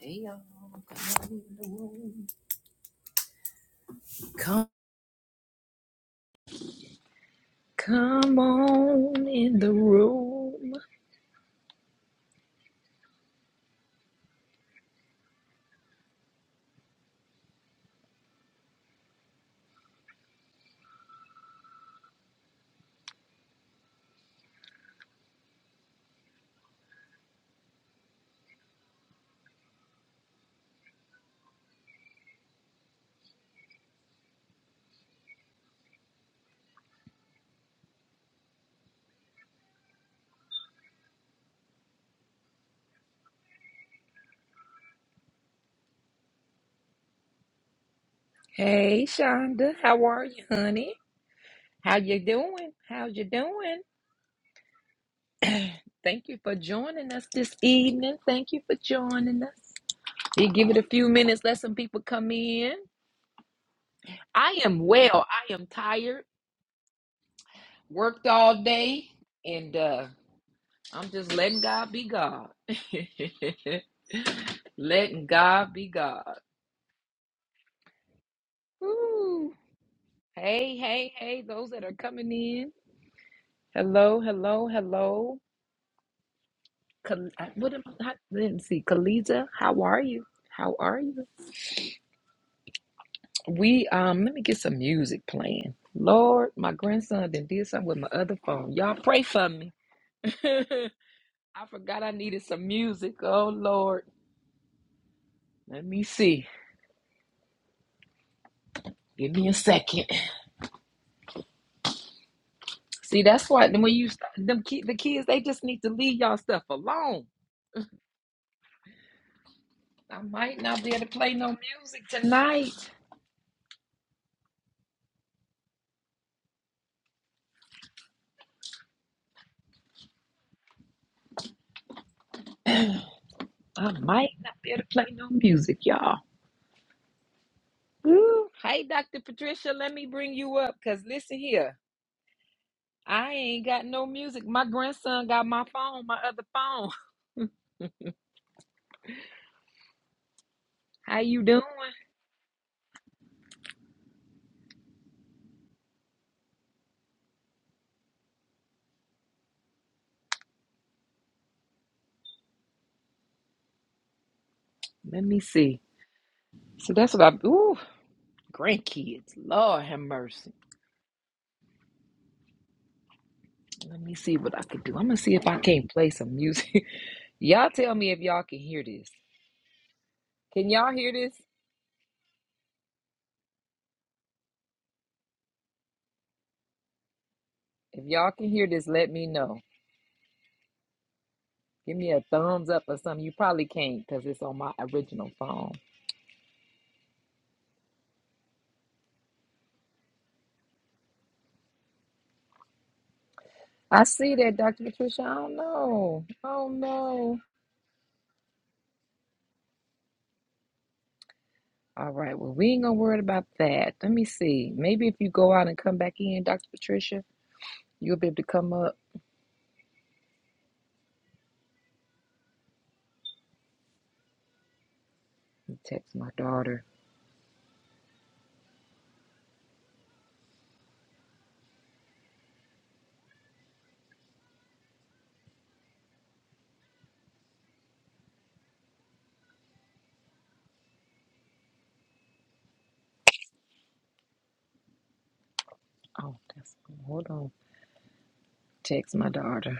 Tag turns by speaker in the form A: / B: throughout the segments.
A: Hey y'all, come on in the room. Come, come on in the room. Hey, Shonda, how are you, honey? How you doing? How you doing? Thank you for joining us this evening. Thank you for joining us. We give it a few minutes, let some people come in. I am well. I am tired. Worked all day, and uh, I'm just letting God be God. letting God be God. Woo. Hey, hey, hey, those that are coming in. Hello, hello, hello. Kal- I- What am I, I did see. Kaliza, how are you? How are you? We um let me get some music playing. Lord, my grandson done did something with my other phone. Y'all pray for me. I forgot I needed some music. Oh Lord. Let me see. Give me a second. See, that's why then when you start, them ki- the kids, they just need to leave y'all stuff alone. I might not be able to play no music tonight. I might not be able to play no music, y'all. Woo. Hey, Dr. Patricia, let me bring you up because listen here. I ain't got no music. My grandson got my phone, my other phone. How you doing? Let me see. So that's what I ooh, grandkids. Lord have mercy. Let me see what I can do. I'm gonna see if I can't play some music. y'all tell me if y'all can hear this. Can y'all hear this? If y'all can hear this, let me know. Give me a thumbs up or something. You probably can't because it's on my original phone. I see that, Dr. Patricia. I don't know. I don't know. All right. Well, we ain't gonna worry about that. Let me see. Maybe if you go out and come back in, Dr. Patricia, you'll be able to come up. Let me Text my daughter. Oh, that's hold on. Text my daughter.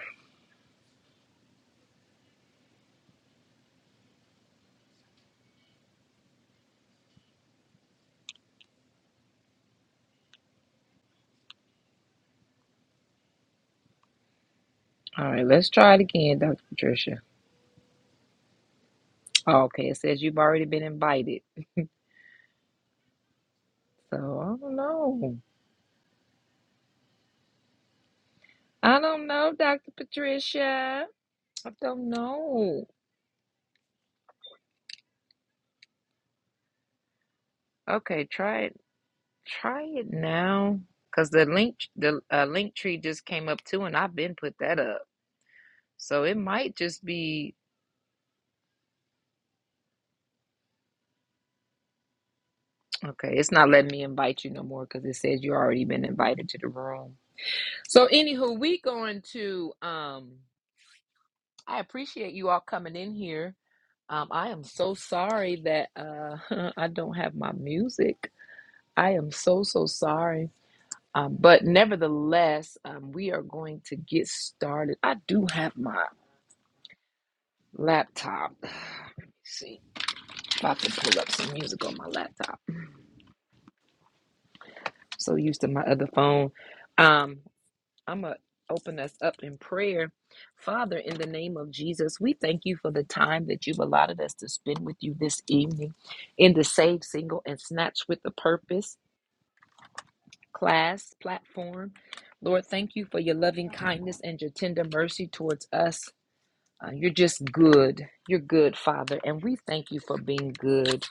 A: All right. Let's try it again, Dr. Patricia. Oh, okay. It says you've already been invited. So I don't know. I don't know, Dr. Patricia. I don't know. Okay. Try it. Try it now, cause the link the uh, link tree just came up too, and I've been put that up. So it might just be okay. It's not letting me invite you no more because it says you already been invited to the room. So anywho, we going to um. I appreciate you all coming in here. Um, I am so sorry that uh, I don't have my music. I am so, so sorry. Um, but nevertheless, um, we are going to get started. I do have my laptop. Let me see if I can pull up some music on my laptop. so used to my other phone. Um, I'm going to open us up in prayer. Father, in the name of Jesus, we thank you for the time that you've allotted us to spend with you this evening in the Save Single and Snatch with the Purpose class platform. Lord, thank you for your loving kindness and your tender mercy towards us. Uh, you're just good. You're good, Father. And we thank you for being good.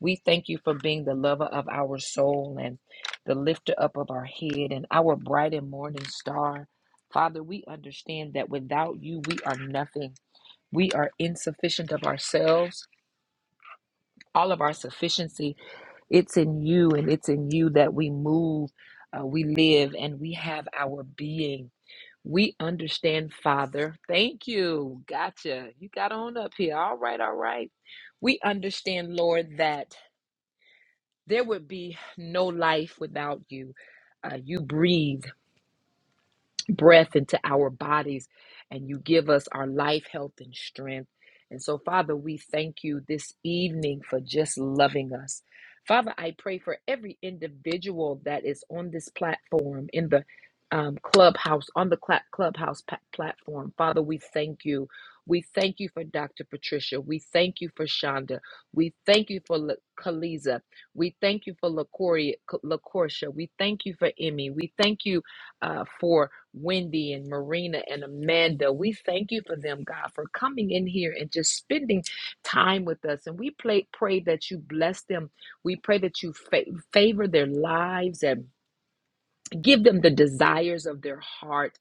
A: We thank you for being the lover of our soul and the lifter up of our head and our bright and morning star. Father, we understand that without you, we are nothing. We are insufficient of ourselves. All of our sufficiency, it's in you, and it's in you that we move, uh, we live, and we have our being. We understand, Father. Thank you. Gotcha. You got on up here. All right, all right. We understand, Lord, that. There would be no life without you. Uh, you breathe breath into our bodies and you give us our life, health, and strength. And so, Father, we thank you this evening for just loving us. Father, I pray for every individual that is on this platform, in the um, clubhouse, on the cla- clubhouse pa- platform. Father, we thank you. We thank you for Dr. Patricia. We thank you for Shonda. We thank you for La- Kaliza. We thank you for LaCoria- Lacoria. We thank you for Emmy. We thank you uh, for Wendy and Marina and Amanda. We thank you for them, God, for coming in here and just spending time with us. And we play, pray that you bless them. We pray that you fa- favor their lives, and. Give them the desires of their heart.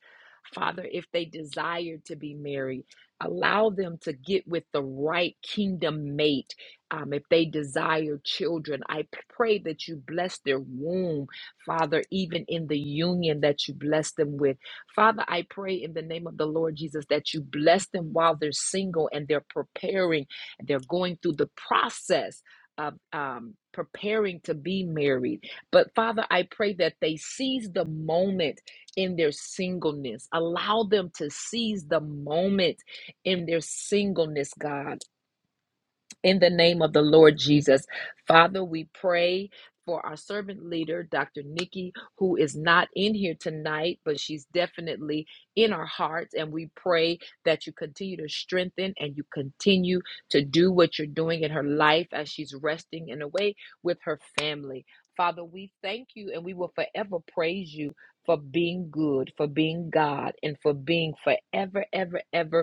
A: Father, if they desire to be married, allow them to get with the right kingdom mate. Um, if they desire children, I p- pray that you bless their womb, Father, even in the union that you bless them with. Father, I pray in the name of the Lord Jesus that you bless them while they're single and they're preparing, and they're going through the process of um, preparing to be married. But Father, I pray that they seize the moment in their singleness. Allow them to seize the moment in their singleness, God in the name of the Lord Jesus. Father, we pray for our servant leader, Dr. Nikki, who is not in here tonight, but she's definitely in our hearts. And we pray that you continue to strengthen and you continue to do what you're doing in her life as she's resting in a way with her family. Father, we thank you and we will forever praise you for being good, for being God, and for being forever, ever, ever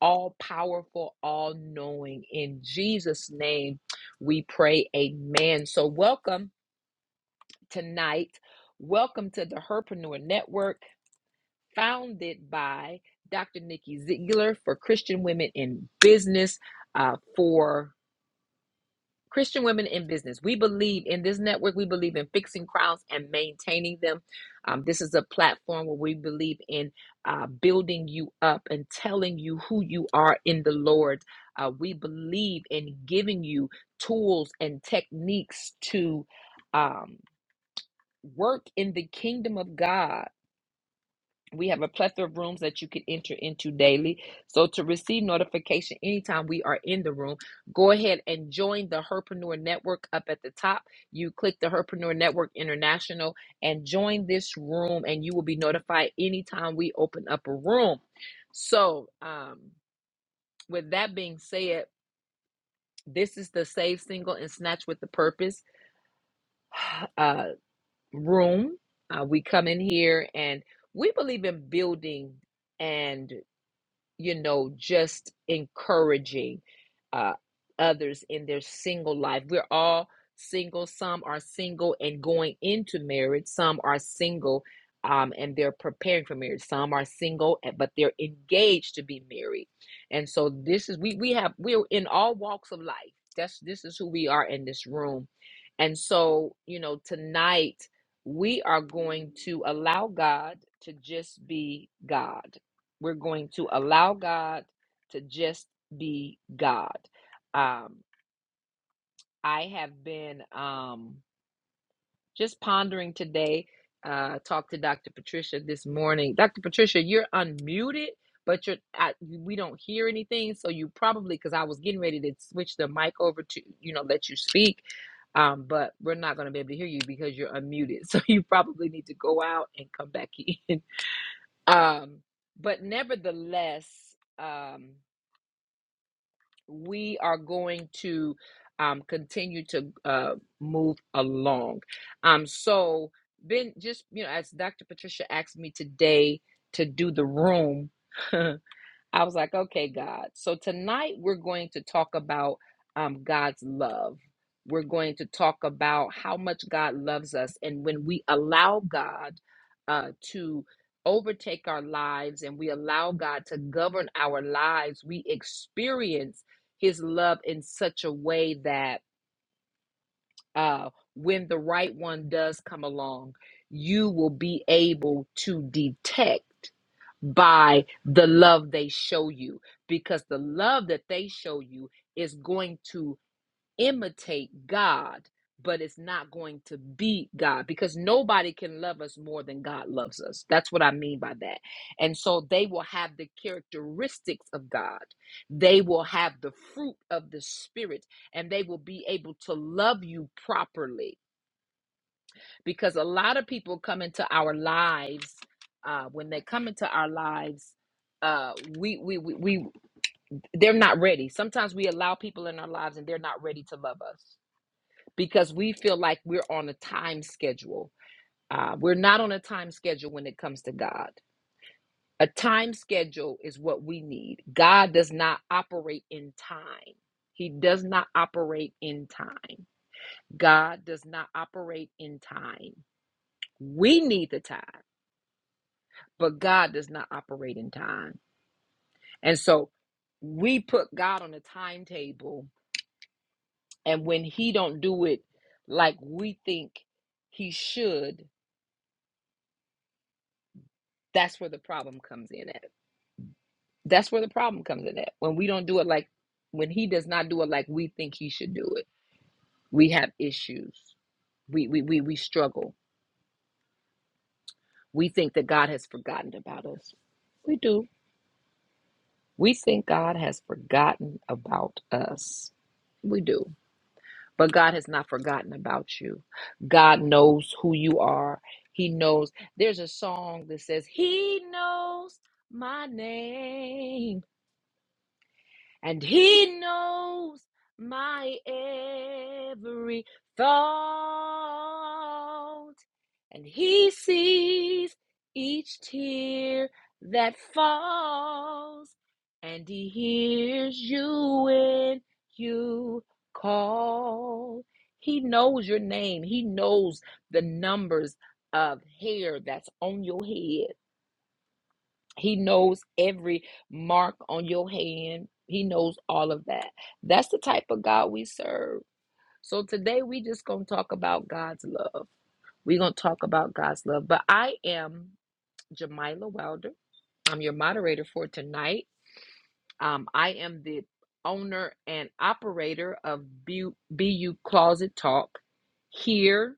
A: all powerful, all knowing. In Jesus' name, we pray. Amen. So, welcome tonight. Welcome to the Herpreneur Network, founded by Dr. Nikki Ziegler for Christian Women in Business. Uh, for Christian women in business. We believe in this network. We believe in fixing crowds and maintaining them. Um, this is a platform where we believe in uh, building you up and telling you who you are in the Lord. Uh, we believe in giving you tools and techniques to um, work in the kingdom of God we have a plethora of rooms that you can enter into daily. So to receive notification anytime we are in the room, go ahead and join the Herpreneur Network up at the top. You click the Herpreneur Network International and join this room, and you will be notified anytime we open up a room. So um, with that being said, this is the Save Single and Snatch with the Purpose uh, room. Uh, we come in here and we believe in building. and. you know, just encouraging uh, others in their single life. We're all single. Some are single and going into marriage, some are single um, and they're preparing for marriage. Some are single, eh, but they're engaged to be married. And so this is, we, we have, we're in all walks of life. That's, this is who we are in this room. And so, you know, tonight we are going to allow God to just be God we're going to allow God to just be God. Um, I have been um, just pondering today. Uh, talked to Dr. Patricia this morning. Dr. Patricia, you're unmuted, but you're I, we don't hear anything. So you probably because I was getting ready to switch the mic over to you know let you speak, um, but we're not going to be able to hear you because you're unmuted. So you probably need to go out and come back in. Um, but nevertheless. Um, we are going to um, continue to uh, move along. Um, so, Ben, just you know, as Dr. Patricia asked me today to do the room, I was like, okay, God. So tonight we're going to talk about um, God's love. We're going to talk about how much God loves us. And when we allow God uh, to overtake our lives and we allow God to govern our lives, we experience his love in such a way that uh, when the right one does come along, you will be able to detect by the love they show you because the love that they show you is going to imitate God, but it's not going to be God because nobody can love us more than God loves us. That's what I mean by that. And so they will have the characteristics of God, they will have the fruit of the Spirit, and they will be able to love you properly because a lot of people come into our lives uh, when they come into our lives uh, we, we we we they're not ready sometimes we allow people in our lives and they're not ready to love us because we feel like we're on a time schedule uh, we're not on a time schedule when it comes to god a time schedule is what we need god does not operate in time he does not operate in time god does not operate in time we need the time but God does not operate in time. And so we put God on a timetable and when he don't do it like we think he should, that's where the problem comes in at. That's where the problem comes in at. When we don't do it like when he does not do it like we think he should do it. We have issues. We we we, we struggle. We think that God has forgotten about us. We do. We think God has forgotten about us. We do. But God has not forgotten about you. God knows who you are. He knows. There's a song that says, He knows my name and He knows my every thought and he sees each tear that falls, and he hears you when you call. He knows your name, he knows the numbers of hair that's on your head, he knows every mark on your hand, he knows all of that. That's the type of God we serve. So today we just going to talk about God's love. We're going to talk about God's love. But I am Jamila Wilder. I'm your moderator for tonight. Um, I am the owner and operator of Bu- BU Closet Talk here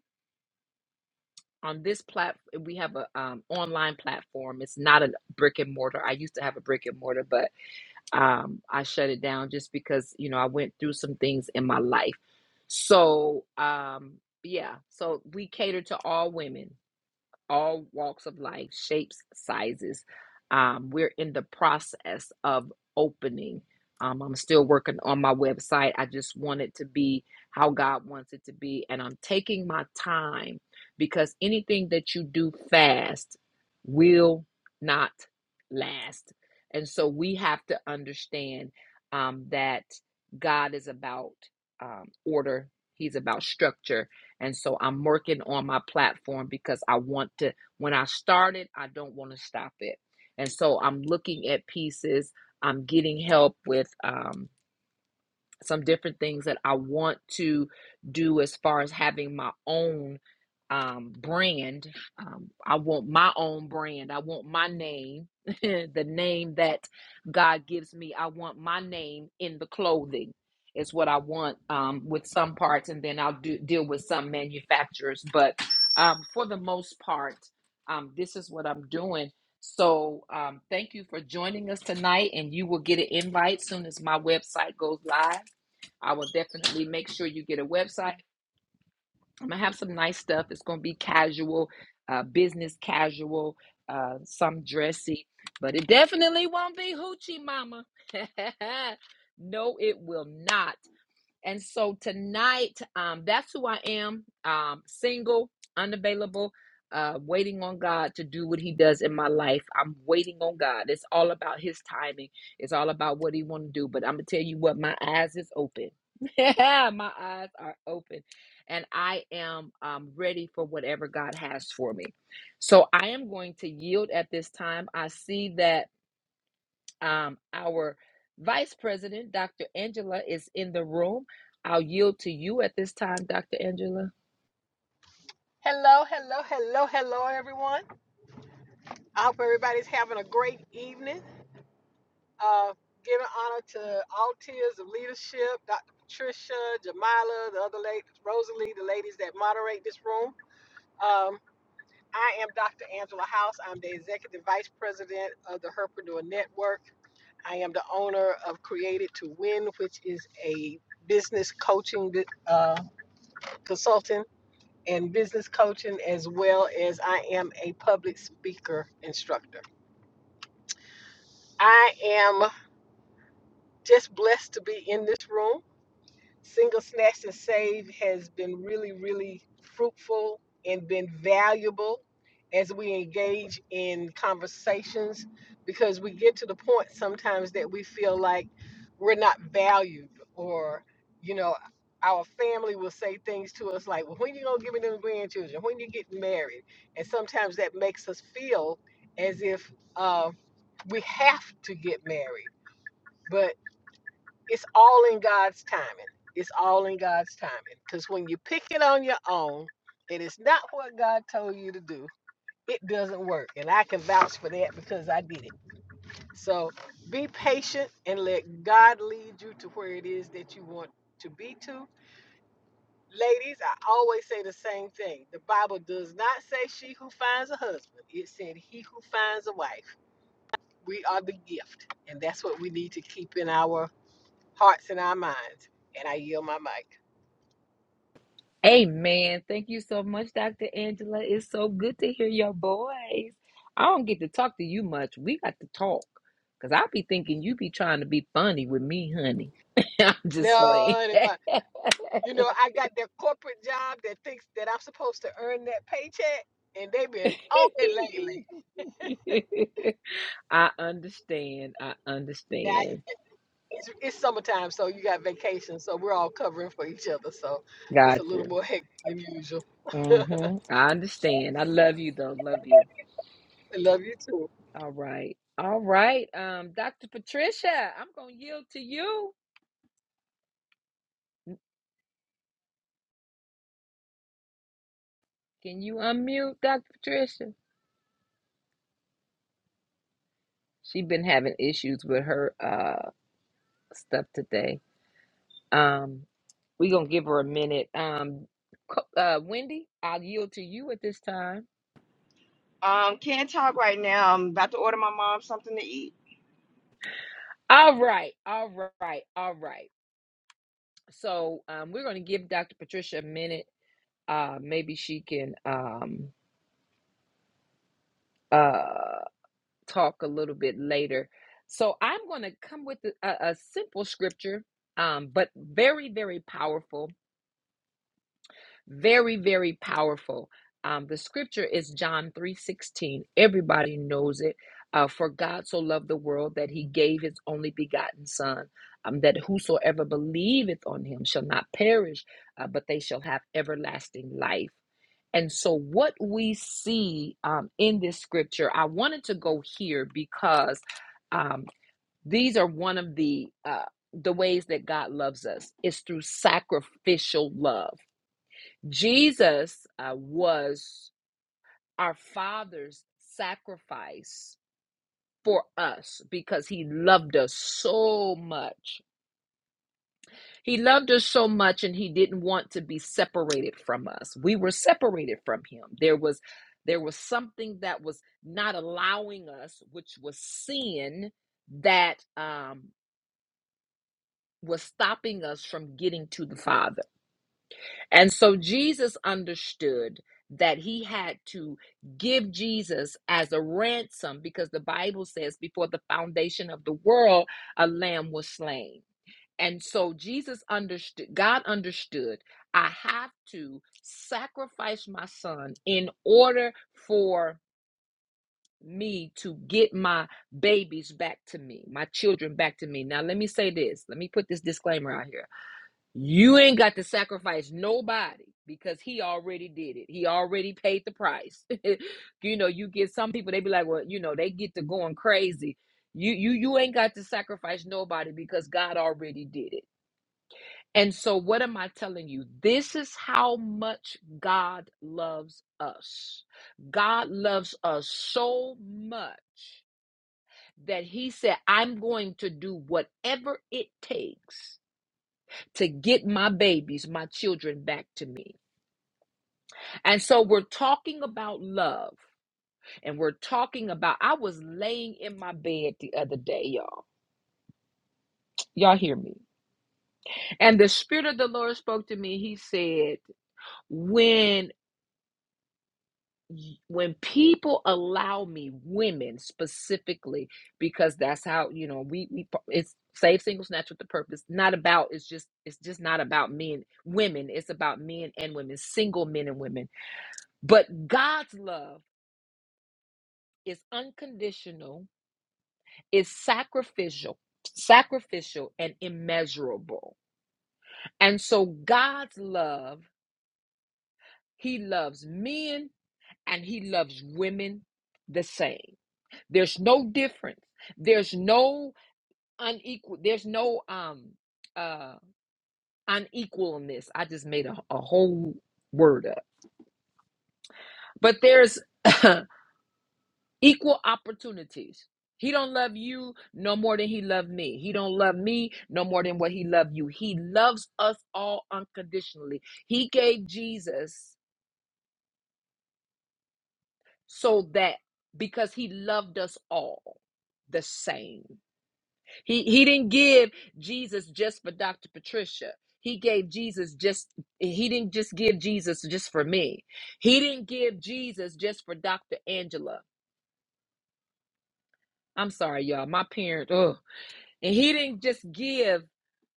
A: on this platform. We have a um, online platform. It's not a brick and mortar. I used to have a brick and mortar, but um, I shut it down just because, you know, I went through some things in my life. So, um, yeah, so we cater to all women all walks of life, shapes, sizes. Um, we're in the process of opening. Um, I'm still working on my website. I just want it to be how God wants it to be. And I'm taking my time because anything that you do fast will not last. And so we have to understand um, that God is about um, order, He's about structure, and so I'm working on my platform because I want to, when I started, I don't want to stop it. And so I'm looking at pieces. I'm getting help with, um, some different things that I want to do as far as having my own um, brand. Um, I want my own brand. I want my name, the name that God gives me. I want my name in the clothing is what I want um, with some parts, and then I'll do deal with some manufacturers. But um, for the most part, um, this is what I'm doing. So um, thank you for joining us tonight, and you will get an invite soon as my website goes live I will definitely make sure you get a website. I'm gonna have some nice stuff. It's gonna be casual, uh, business casual, uh, some dressy, but it definitely won't be hoochie mama. no, it will not. And so tonight, um, that's who I am. Um, single, unavailable, uh, waiting on God to do what He does in my life. I'm waiting on God. It's all about His timing. It's all about what He want to do. But I'm gonna tell you what, my eyes is open. my eyes are open, and I am um, ready for whatever God has for me. So I am going to yield at this time. I see that um, our Vice President, Dr. Angela, is in the room. I'll yield to you at this time, Dr. Angela.
B: Hello, hello, hello, hello, everyone. I hope everybody's having a great evening. Uh, giving honor to all tiers of leadership, Dr. Patricia, Jamila, the other ladies, Rosalie, the ladies that moderate this room. Um, I am Dr. Angela House. I'm the Executive Vice President of the Herpreneur Network. I am the owner of Created to Win, which is a business coaching uh, consulting and business coaching, as well as I am a public speaker instructor. I am just blessed to be in this room. Single snacks and Save has been really, really fruitful and been valuable as we engage in conversations because we get to the point sometimes that we feel like we're not valued or, you know, our family will say things to us like, well, when you gonna give me them grandchildren? When you getting married? And sometimes that makes us feel as if uh, we have to get married. but. It's all in God's timing. It's all in God's timing. Because when you pick it on your own and it's not what God told you to do, it doesn't work. And I can vouch for that because I did it. So be patient and let God lead you to where it is that you want to be to. Ladies, I always say the same thing. The Bible does not say she who finds a husband, it said he who finds a wife. We are the gift. And that's what we need to keep in our hearts and our minds. And I yield my mic.
A: Amen. Thank you so much, Dr. Angela. It's so good to hear your voice. I don't get to talk to you much. We got to talk. Cause I be thinking you be trying to be funny with me, honey. I'm just
B: No,
A: playing.
B: honey, my, you know, I got that corporate job that thinks that I'm supposed to earn that paycheck, and they've been on it lately.
A: I understand. I
B: Now,
A: understand.
B: it's, it's summertime, so you got vacation, so we're all covering for each other, so it's a
A: Gotcha.
B: little more hectic than usual. I
A: hmm I understand. I love you though. Love you.
B: love you too.
A: All right. All right. Um, Dr. Patricia, I'm gonna yield to you. Can you unmute Dr. Patricia? She's been having issues with her uh stuff today. Um, we're gonna give her a minute. Um co- uh Wendy, I'll yield to you at this time.
C: Um, can't talk right now. I'm about to order my mom something to eat.
A: All right, all right, all right. So um we're gonna give Dr. Patricia a minute. Uh maybe she can um uh talk a little bit later. So I'm going to come with a, a simple scripture, um, but very, very powerful very very powerful um, the scripture is john 3.16 everybody knows it uh, for god so loved the world that he gave his only begotten son um, that whosoever believeth on him shall not perish uh, but they shall have everlasting life and so what we see um, in this scripture i wanted to go here because um, these are one of the uh, the ways that god loves us is through sacrificial love Jesus uh, was our Father's sacrifice for us because he loved us so much. He loved us so much and he didn't want to be separated from us. We were separated from him. There was there was something that was not allowing us, which was sin that um was stopping us from getting to the Father And so Jesus understood that he had to give Jesus as a ransom because the Bible says, before the foundation of the world, a lamb was slain. And so Jesus understood, God understood, I have to sacrifice my son in order for me to get my babies back to me, my children back to me. Now, let me say this. Let me put this disclaimer out here. You ain't got to sacrifice nobody because he already did it. He already paid the price. you know, you get some people they be like, well, you know, they get to going crazy. You you you ain't got to sacrifice nobody because God already did it. And so what am I telling you? This is how much God loves us. God loves us so much that he said, I'm going to do whatever it takes to get my babies, my children back to me. And so we're talking about love and we're talking about. I was laying in my bed the other day, y'all. Y'all hear me? And the Spirit of the Lord spoke to me. He said, When when people allow me women specifically because that's how you know we we it's save single snatch with the purpose not about it's just it's just not about men women it's about men and women single men and women but God's love is unconditional, is sacrificial, sacrificial and immeasurable. And so God's love, he loves men and he loves women the same. There's no difference. There's no unequal there's no um uh unequalness. I just made a, a whole word up. But there's equal opportunities he don't love you no more than he loved me he don't love me no more than what he loved you he loves us all unconditionally he gave jesus so that because he loved us all the same he he didn't give jesus just for dr patricia he gave jesus just he didn't just give jesus just for me he didn't give jesus just for dr angela i'm sorry y'all my parents ugh. and he didn't just give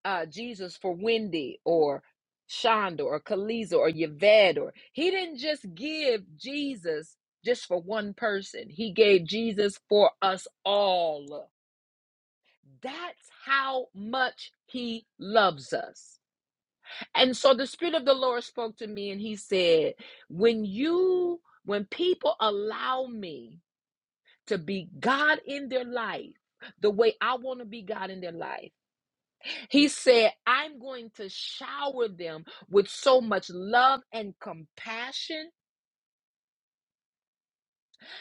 A: uh, Jesus for Wendy or Shonda or Kaliza or Yvette or he didn't just give Jesus just for one person. He gave Jesus for us all. That's how much he loves us. And so the spirit of the Lord spoke to me and he said, when you when people allow me to be God in their life, the way I want to be God in their life, he said, I'm going to shower them with so much love and compassion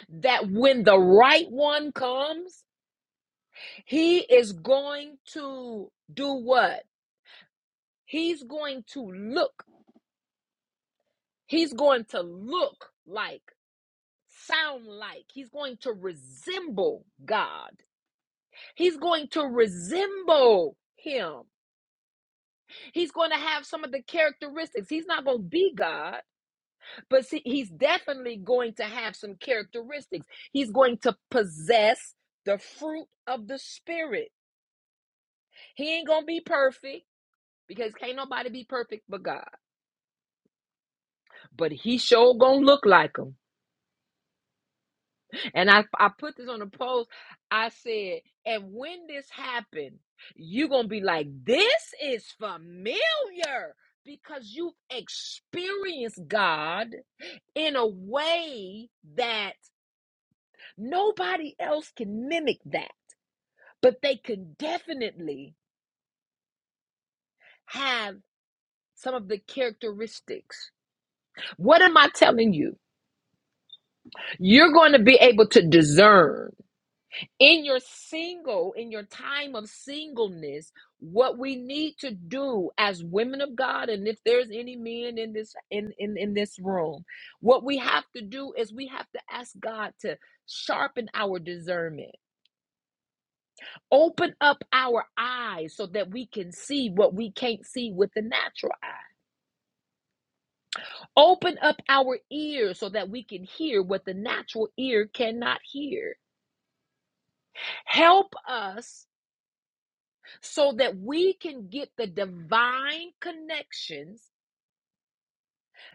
A: that when the right one comes, he is going to do what? He's going to look. He's going to look like, sound like, he's going to resemble God. He's going to resemble him. He's going to have some of the characteristics. He's not going to be God But see, he's definitely going to have some characteristics. He's going to possess the fruit of the Spirit. He ain't gonna be perfect because can't nobody be perfect but God. But he sure gonna look like him. And I, I put this on the post. I said, and when this happened, you gonna be like, this is familiar because you've experienced God in a way that nobody else can mimic that but they can definitely have some of the characteristics. What am I telling you? You're going to be able to discern in your single, in your time of singleness, what we need to do as women of God, and if there's any men in this in, in, in this room, what we have to do is we have to ask God to sharpen our discernment, open up our eyes so that we can see what we can't see with the natural eye Open up our ears so that we can hear what the natural ear cannot hear. Help us so that we can get the divine connections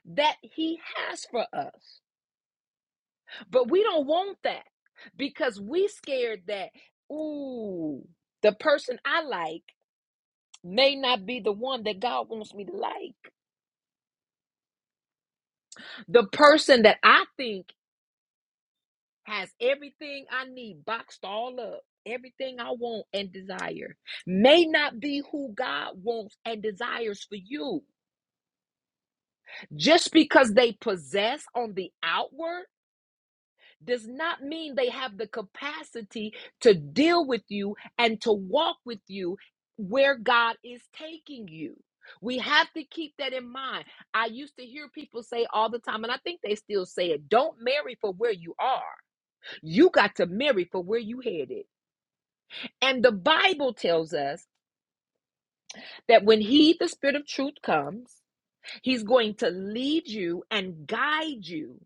A: that He has for us. But we don't want that because we scared that, ooh, the person I like may not be the one that God wants me to like. The person that I think has everything I need boxed all up, everything I want and desire, may not be who God wants and desires for you. Just because they possess on the outward does not mean they have the capacity to deal with you and to walk with you where God is taking you. We have to keep that in mind. I used to hear people say all the time, and I think they still say it don't marry for where you are. You got to marry for where you headed. And the Bible tells us that when He, the Spirit of truth, comes, He's going to lead you and guide you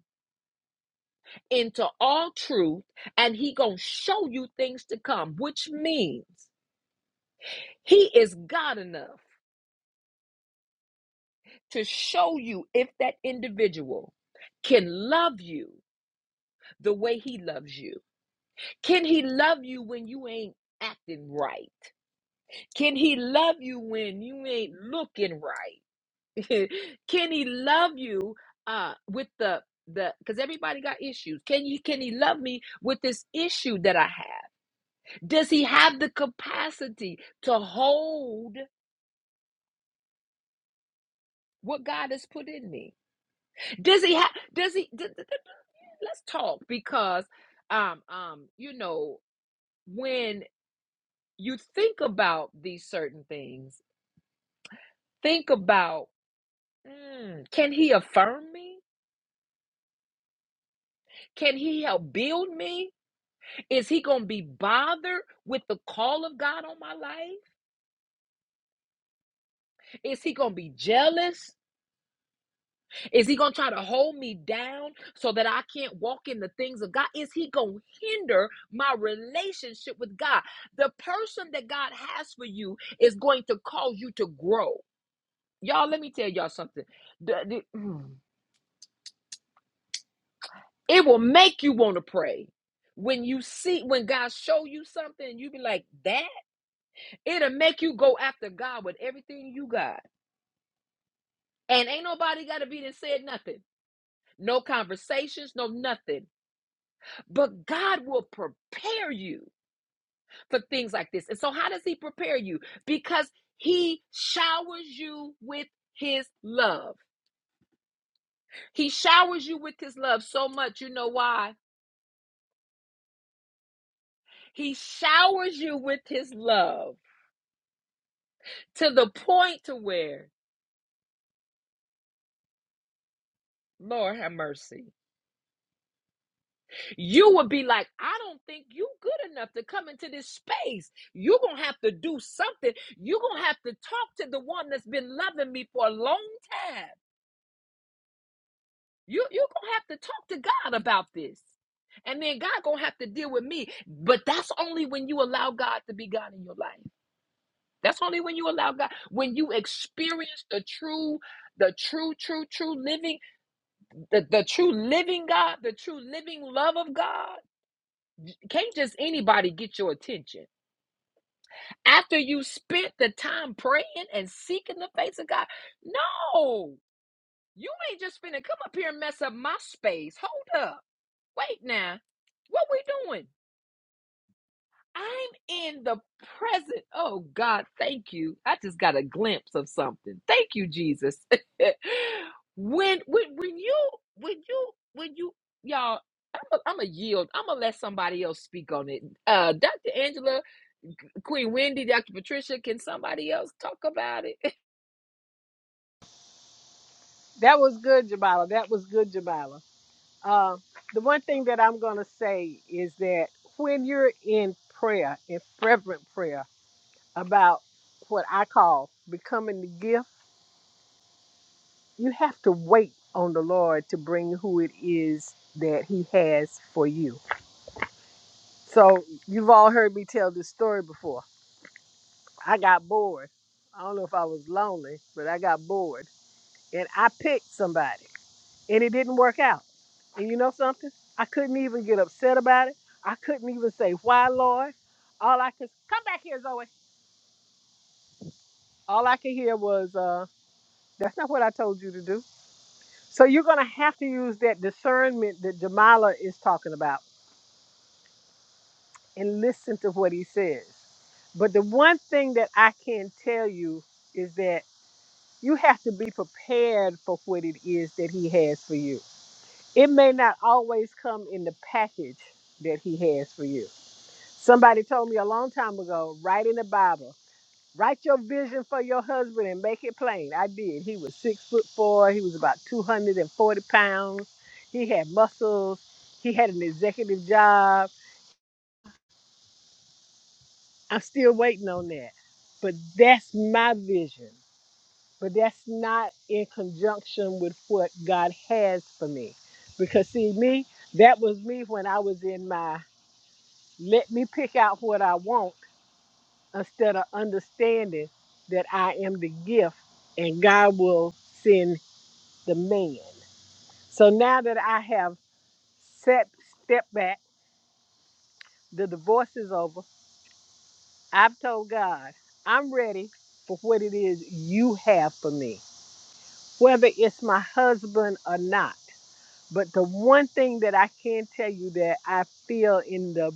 A: into all truth, and He gonna show you things to come, which means He is God enough to show you if that individual can love you the way He loves you. Can He love you when you ain't acting right? Can He love you when you ain't looking right? can he love you uh with the the because everybody got issues can you can he love me with this issue that i have does he have the capacity to hold what god has put in me does he have does he d- d- d- let's talk because um um you know when you think about these certain things think about mm, can he affirm me can he help build me Is he going to be bothered with the call of God on my life? Is he going to be jealous? Is he going to try to hold me down so that I can't walk in the things of God? Is he going to hinder my relationship with God? The person that God has for you is going to cause you to grow. Y'all, let me tell y'all something. The- the- mm, it will make you want to pray. When you see, when God show you something, you be like, that? It'll make you go after God with everything you got. And ain't nobody got to be that said nothing. No conversations, no nothing. But God will prepare you for things like this. And so, how does He prepare you? Because He showers you with His love. He showers you with His love so much. You know why? He showers you with His love to the point to where, Lord have mercy. you would be like, I don't think you good enough to come into this space. You're gonna have to do something. You're gonna have to talk to the one that's been loving me for a long time. You you're gonna have to talk to God about this. And then God gonna have to deal with me. But that's only when you allow God to be God in your life. That's only when you allow God, when you experience the true, the true, true, true living, the, the true living God, the true living love of God. Can't just anybody get your attention after you spent the time praying and seeking the face of God. No, you ain't just finna come up here and mess up my space. Hold up. Wait now. What we doing? I'm in the present. Oh God, thank you. I just got a glimpse of something. Thank you, Jesus. when when when you when you when you y'all, I'm a, I'm a yield. I'm gonna let somebody else speak on it. Uh, Dr. Angela, Queen Wendy, Dr. Patricia, can somebody else talk about it?
B: That was good, Jamala. That was good, Jamala. Uh, the one thing that I'm going to say is that when you're in prayer, in fervent prayer about what I call becoming the gift. You have to wait on the Lord to bring who it is that He has for you. So, you've all heard me tell this story before. I got bored. I don't know if I was lonely, but I got bored. And I picked somebody, and it didn't work out. And you know something? I couldn't even get upset about it. I couldn't even say, Why, Lord? All I could, come back here, Zoe. All I could hear was, uh, That's not what I told you to do. So you're going to have to use that discernment that Jamala is talking about and listen to what he says. But the one thing that I can tell you is that you have to be prepared for what it is that he has for you. It may not always come in the package that he has for you. Somebody told me a long time ago, write in the Bible, write your vision for your husband and make it plain. I did. He was six foot four, he was about 240 pounds, he had muscles, he had an executive job I'm still waiting on that. But that's my vision. But that's not in conjunction with what God has for me. Because see me, that was me when I was in my let me pick out what I want instead of understanding that I am the gift and God will send the man. So now that I have set step back, the divorce is over. I've told God, I'm ready for what it is you have for me. whether it's my husband or not. But the one thing that I can tell you that I feel in the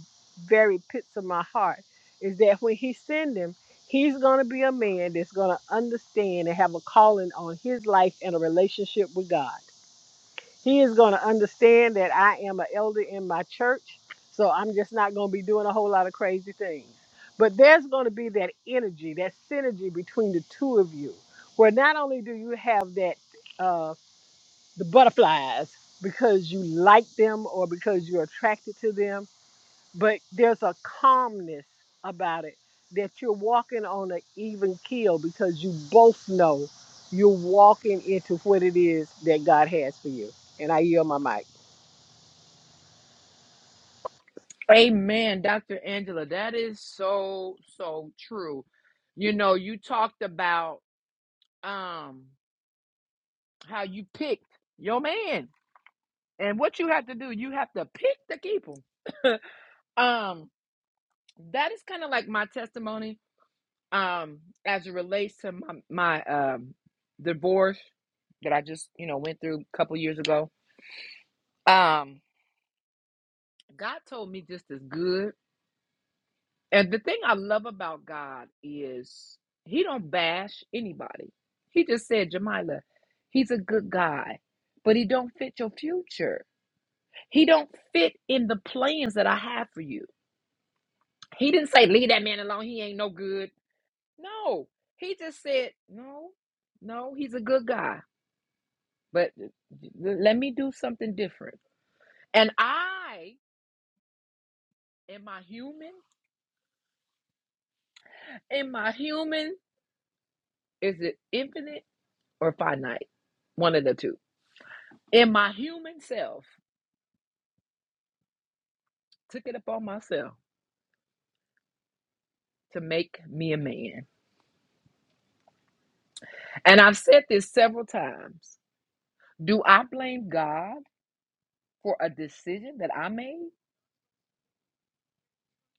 B: very pits of my heart is that when he send him, he's going to be a man that's going to understand and have a calling on his life and a relationship with God. He is going to understand that I am an elder in my church, so I'm just not going to be doing a whole lot of crazy things. But there's going to be that energy, that synergy between the two of you, where not only do you have that uh, the butterflies because you like them or because you're attracted to them, but there's a calmness about it that you're walking on an even keel because you both know you're walking into what it is that God has for you. And I yield my mic.
A: Amen, Dr. Angela. That is so, so true. You know, you talked about um how you picked your man And what you have to do, you have to pick the people. um, that is kind of like my testimony um as it relates to my, my um divorce that I just, you know, went through a couple years ago. Um, God told me just as good. And the thing I love about God is he don't bash anybody. He just said, Jamila, he's a good guy, but he don't fit your future. He don't fit in the plans that I have for you. He didn't say leave that man alone. He ain't no good. No, he just said no, no. He's a good guy, but let me do something different. And I am I human? Am I human? Is it infinite or finite? One of the two. In my human self, took it upon myself to make me a man. And I've said this several times. Do I blame God for a decision that I made?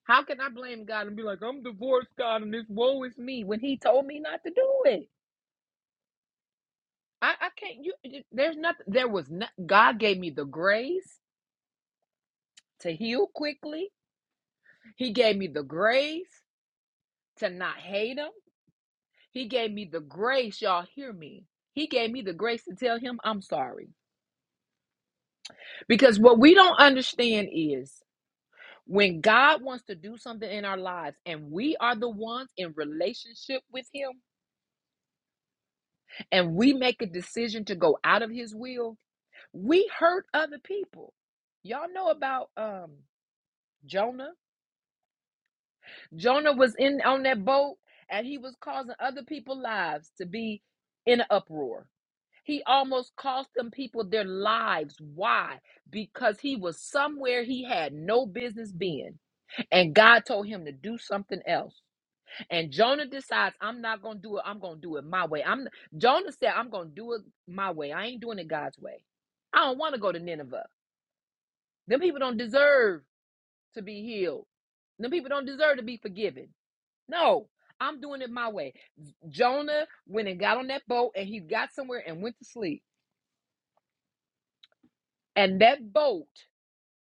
A: How can I blame God and be like, I'm divorced, God, and this woe is me when He told me not to do it? I, I can't. You, you- there's nothing. There was not. God gave me the grace to heal quickly. He gave me the grace to not hate Him. He gave me the grace. Y'all hear me? He gave me the grace to tell Him I'm sorry. Because what we don't understand is when God wants to do something in our lives, and we are the ones in relationship with Him, and we make a decision to go out of His will We hurt other people. Y'all know about um Jonah. Jonah was in on that boat and he was causing other people's lives to be in an uproar. He almost cost them people their lives. Why? Because he was somewhere he had no business being. And God told him to do something else. And Jonah decides, I'm not gonna do it. I'm gonna do it my way. I'm Jonah said, I'm gonna do it my way. I ain't doing it God's way. I don't want to go to Nineveh. Them people don't deserve to be healed. Them people don't deserve to be forgiven. No, I'm doing it my way. Jonah went and got on that boat and he got somewhere and went to sleep. And that boat,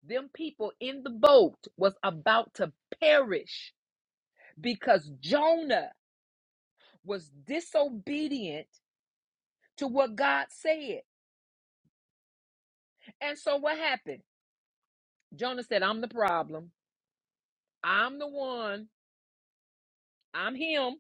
A: them people in the boat was about to perish because Jonah was disobedient to what God said. And so what happened? Jonah said, I'm the problem. I'm the one. I'm him.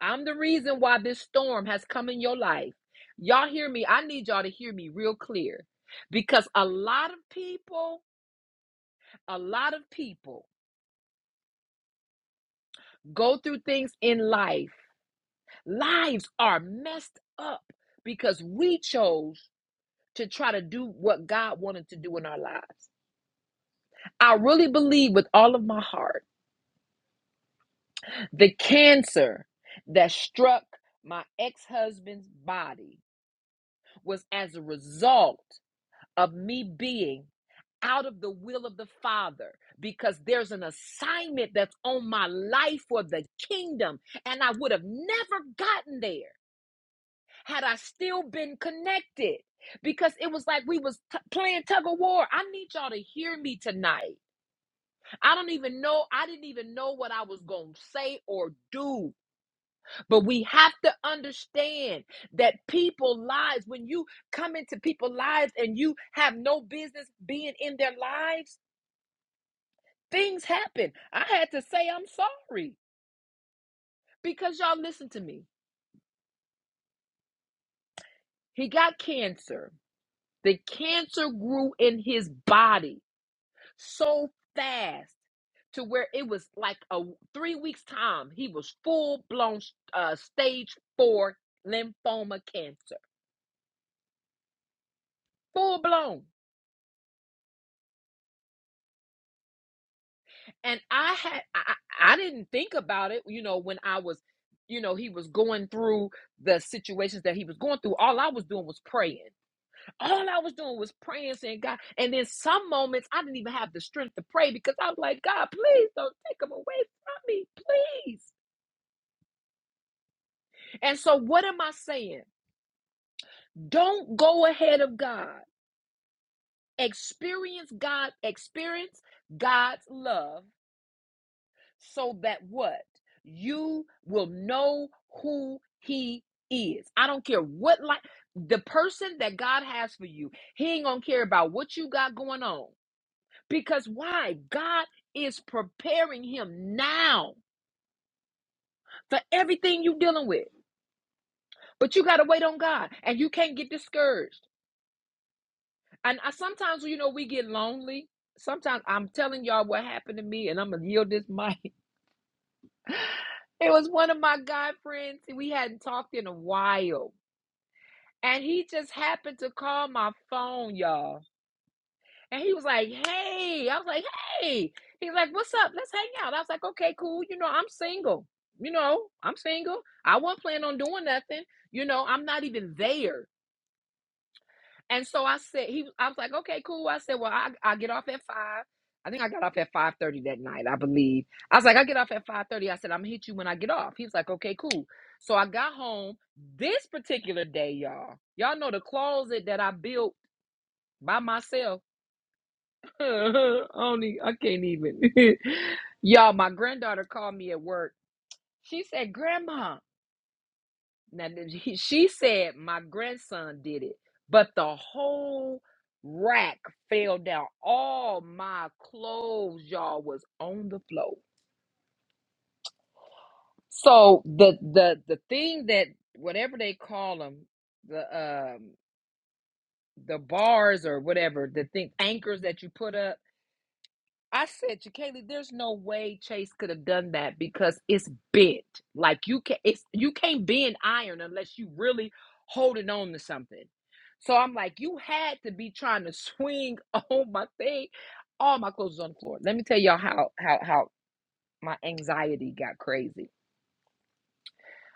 A: I'm the reason why this storm has come in your life. Y'all hear me? I need y'all to hear me real clear because a lot of people, a lot of people go through things in life. Lives are messed up because we chose to try to do what God wanted to do in our lives. I really believe with all of my heart the cancer that struck my ex husband's body was as a result of me being out of the will of the Father because there's an assignment that's on my life for the kingdom. And I would have never gotten there had I still been connected because it was like we was t- playing tug of war. I need y'all to hear me tonight. I don't even know. I didn't even know what I was going to say or do. But we have to understand that people lives when you come into people lives and you have no business being in their lives Things happen. I had to say I'm sorry because y'all listen to me. He got cancer. The cancer grew in his body so fast to where it was like a 3 weeks time he was full blown uh stage 4 lymphoma cancer. Full blown. And I had I, I I didn't think about it, you know, when I was you know, he was going through the situations that he was going through. All I was doing was praying All I was doing was praying, saying, God. And then some moments I didn't even have the strength to pray because I was like, God, please don't take them away from me, please. And so, what am I saying? Don't go ahead of God. Experience God, experience God's love so that what? You will know who He is. I don't care what, like, the person that God has for you, He ain't gonna care about what you got going on. Because why? God is preparing him now for everything you're dealing with. But you got to wait on God and you can't get discouraged. And I, sometimes, you know, we get lonely. Sometimes I'm telling y'all what happened to me, and I'm gonna yield this mic. It was one of my guy friends. We hadn't talked in a while, and he just happened to call my phone, y'all And he was like, hey. I was like, hey. He's like, what's up? Let's hang out. I was like, okay, cool. You know, I'm single. You know, I'm single. I wasn't planning on doing nothing. You know, I'm not even there. And so I said, he I was like, okay, cool. I said, well, I I get off at five. I think I got off at 5:30 that night, I believe. I was like, I get off at 5:30. I said, I'm gonna hit you when I get off. He was like, okay, cool. So I got home this particular day, y'all. Y'all know the closet that I built by myself I don't e- I can't even. Y'all, my granddaughter called me at work. She said, Grandma. Now, th- he- she said, My grandson did it, but the whole rack fell down. All my clothes, y'all, was on the floor. So the the the thing that whatever they call them, the um the bars or whatever, the thing anchors that you put up. I said to Kaylee, there's no way Chase could have done that because it's bent. Like you can it's you can't bend iron unless you really holding on to something. So I'm like, you had to be trying to swing on my thing. All my clothes was on the floor. Let me tell y'all how how how my anxiety got crazy.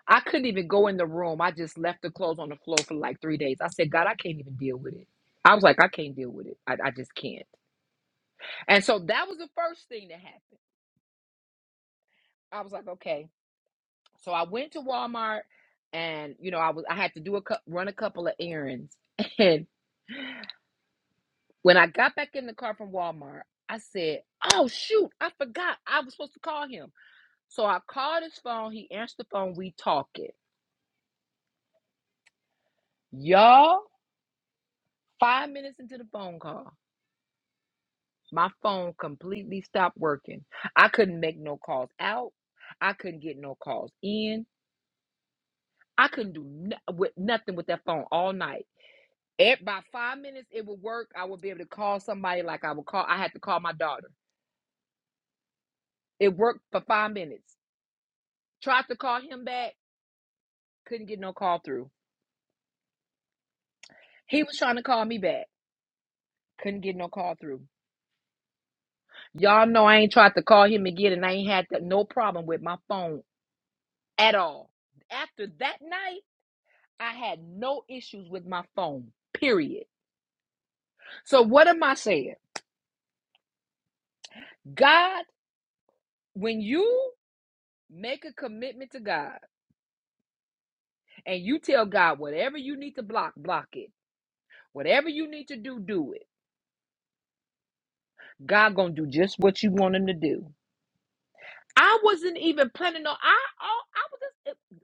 A: I couldn't even go in the room. I just left the clothes on the floor for like three days. I said, God, I can't even deal with it. I was like, I can't deal with it. I, I just can't. And so that was the first thing that happened. I was like, okay. So I went to Walmart and you know I was I had to do a run a couple of errands. And when I got back in the car from Walmart, I said, "Oh shoot, I forgot I was supposed to call him." So I called his phone, he answered the phone, we talked it, Y'all, 5 minutes into the phone call, my phone completely stopped working. I couldn't make no calls out. I couldn't get no calls in. I couldn't do no- with nothing with that phone all night. At by five minutes, it would work. I would be able to call somebody like I would call. I had to call my daughter. It worked for five minutes. Tried to call him back, couldn't get no call through. He was trying to call me back, couldn't get no call through. Y'all know I ain't tried to call him again, and I ain't had that- no problem with my phone at all. After that night, I had no issues with my phone. Period. So what am I saying? God, when you make a commitment to God and you tell God whatever you need to block, block it. Whatever you need to do, do it. God gonna do just what you want him to do. I wasn't even planning on. I oh, I was just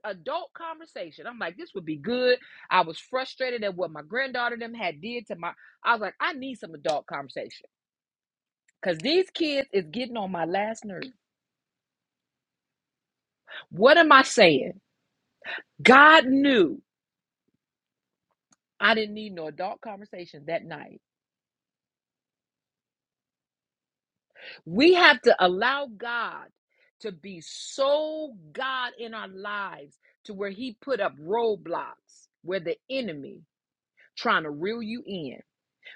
A: eh, adult conversation. I'm like, this would be good. I was frustrated at what my granddaughter them had did to my. I was like, I need some adult conversation because these kids is getting on my last nerve. What am I saying? God knew I didn't need no adult conversation that night. We have to allow God to be so God in our lives to where He put up roadblocks where the enemy trying to reel you in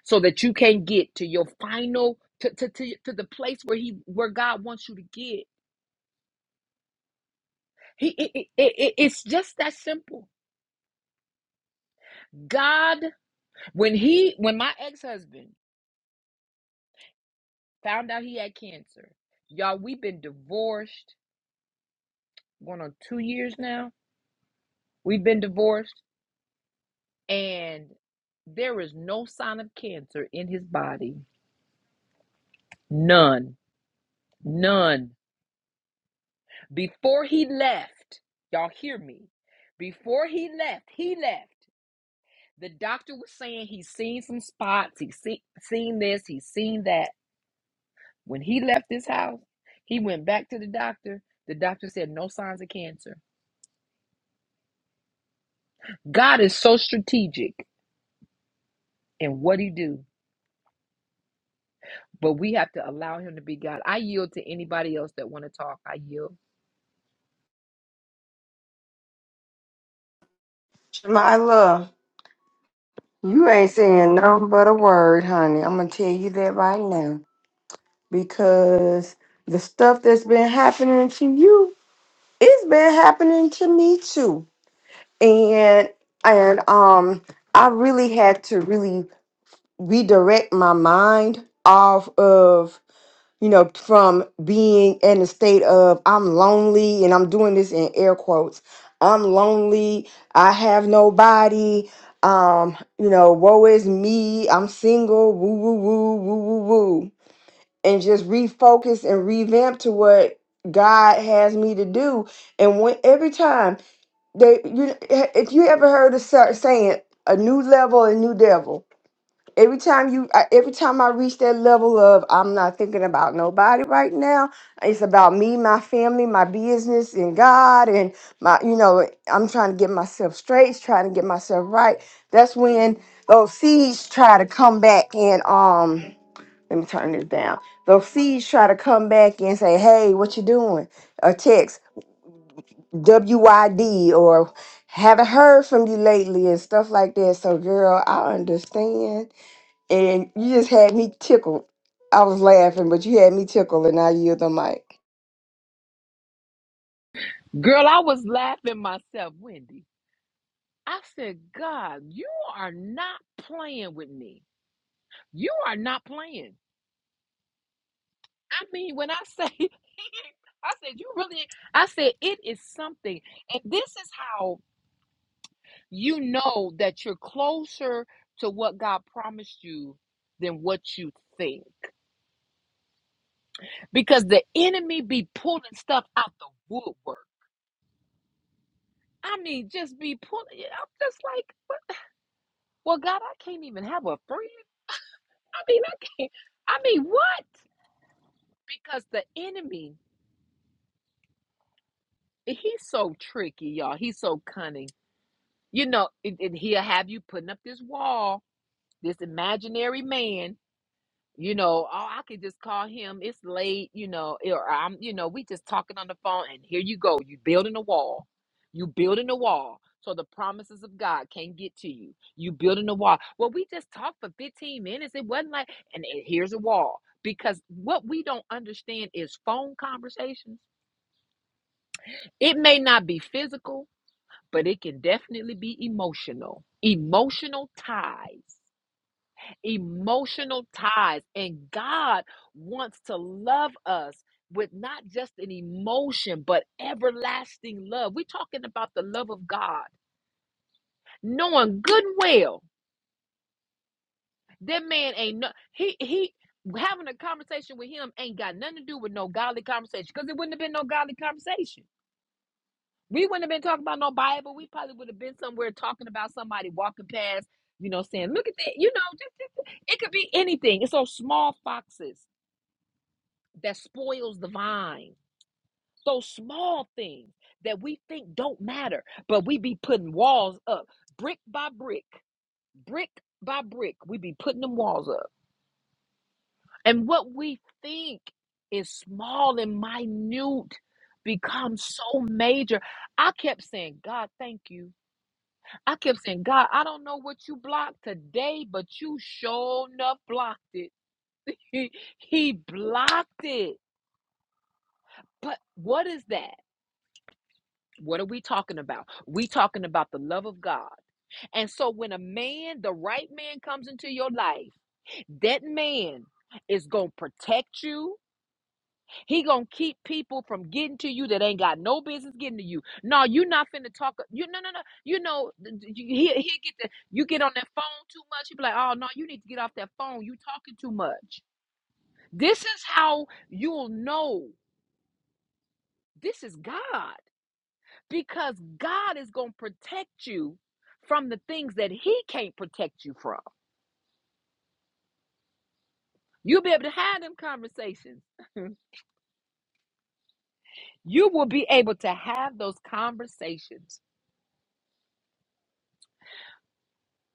A: so that you can get to your final to, to, to, to the place where he where God wants you to get. He it, it, it, it- it's just that simple. God, when he when my ex-husband found out he had cancer, y'all, we've been divorced going on two years now. We've been divorced. and there is no sign of cancer in his body. None. None. Before he left, y'all hear me. Before he left, he left. The doctor was saying he's seen some spots, he's see, seen this, he's seen that. When he left this house, he went back to the doctor. The doctor said no signs of cancer. God is so strategic in what he do, but we have to allow him to be God. I yield to anybody else that want to talk. I yield.
C: My love, you ain't saying nothing but a word, honey. I'm gonna tell you that right now because the stuff that's been happening to you, it's been happening to me too, and and um, I really had to really redirect my mind off of. you know, from being in a state of I'm lonely, and I'm doing this in air quotes. I'm lonely. I have nobody. Um, you know, woe is me. I'm single. Woo, woo, woo, woo, woo, woo. And just refocus and revamp to what God has me to do. And when every time they, you, if you ever heard a sa- saying, a new level, a new devil Every time you, I- every time I reach that level of I'm not thinking about nobody right now. It's about me, my family, my business, and God, and my, you know, I'm trying to get myself straight, trying to get myself right. That's when those seeds try to come back and um. Let me turn this down. Those seeds try to come back and say, "Hey, what you doing?" A text, WYD or haven't heard from you lately and stuff like that. So, girl, I understand and you just had me tickled. I was laughing, but you had me tickled, and I yield the mic.
A: Girl, I was laughing myself, Wendy. I said, God, you are not playing with me. You are not playing. I mean, when I say, I said, you really, I said, it is something. And this is how you know that you're closer to what God promised you than what you think. Because the enemy be pulling stuff out the woodwork. I mean, just be pulling it. I'm just like, well, God, I can't even have a friend. I mean, I can't. I mean, what? Because the enemy, he's so tricky, y'all. He's so cunning. You know, and, and he'll have you putting up this wall, this imaginary man, you know, oh, I could just call him. It's late, you know, eh, or I'm, you know, we just talking on the phone, and here you go. You building a wall. You building a wall, so the promises of God can't get to you. You building a wall. Well, we just talked for 15 minutes. It wasn't like, and it- here's a wall. Because what we don't understand is phone conversations. It may not be physical, but it can definitely be emotional. Emotional ties emotional ties. And God wants to love us with not just an emotion, but everlasting love. We're talking about the love of God, knowing good and well that man ain't no he he having a conversation with him ain't got nothing to do with no godly conversation because it wouldn't have been no godly conversation. We wouldn't have been talking about no Bible. We probably would have been somewhere talking about somebody walking past, you know, saying, "Look at that," you know. Just, just, it could be anything. It's those small foxes that spoils the vine. Those small things that we think don't matter, but we be putting walls up brick by brick, brick by brick. We be putting them walls up. And what we think is small and minute becomes so major. I kept saying, God, thank you. I kept saying, God, I don't know what you blocked today, but you sure enough blocked it. He, he blocked it. But what is that? What are we talking about? We talking about the love of God. And so when a man, the right man comes into your life, that man is going to protect you. He going to keep people from getting to you that ain't got no business getting to you. No, you not finna talk you no no no. You know you- he he get the you get on that phone too much. You be like, "Oh no, you need to get off that phone. You talking too much." This is how you'll know. This is God. because God is going to protect you from the things that He can't protect you from. You'll be able to have them conversations. You will be able to have those conversations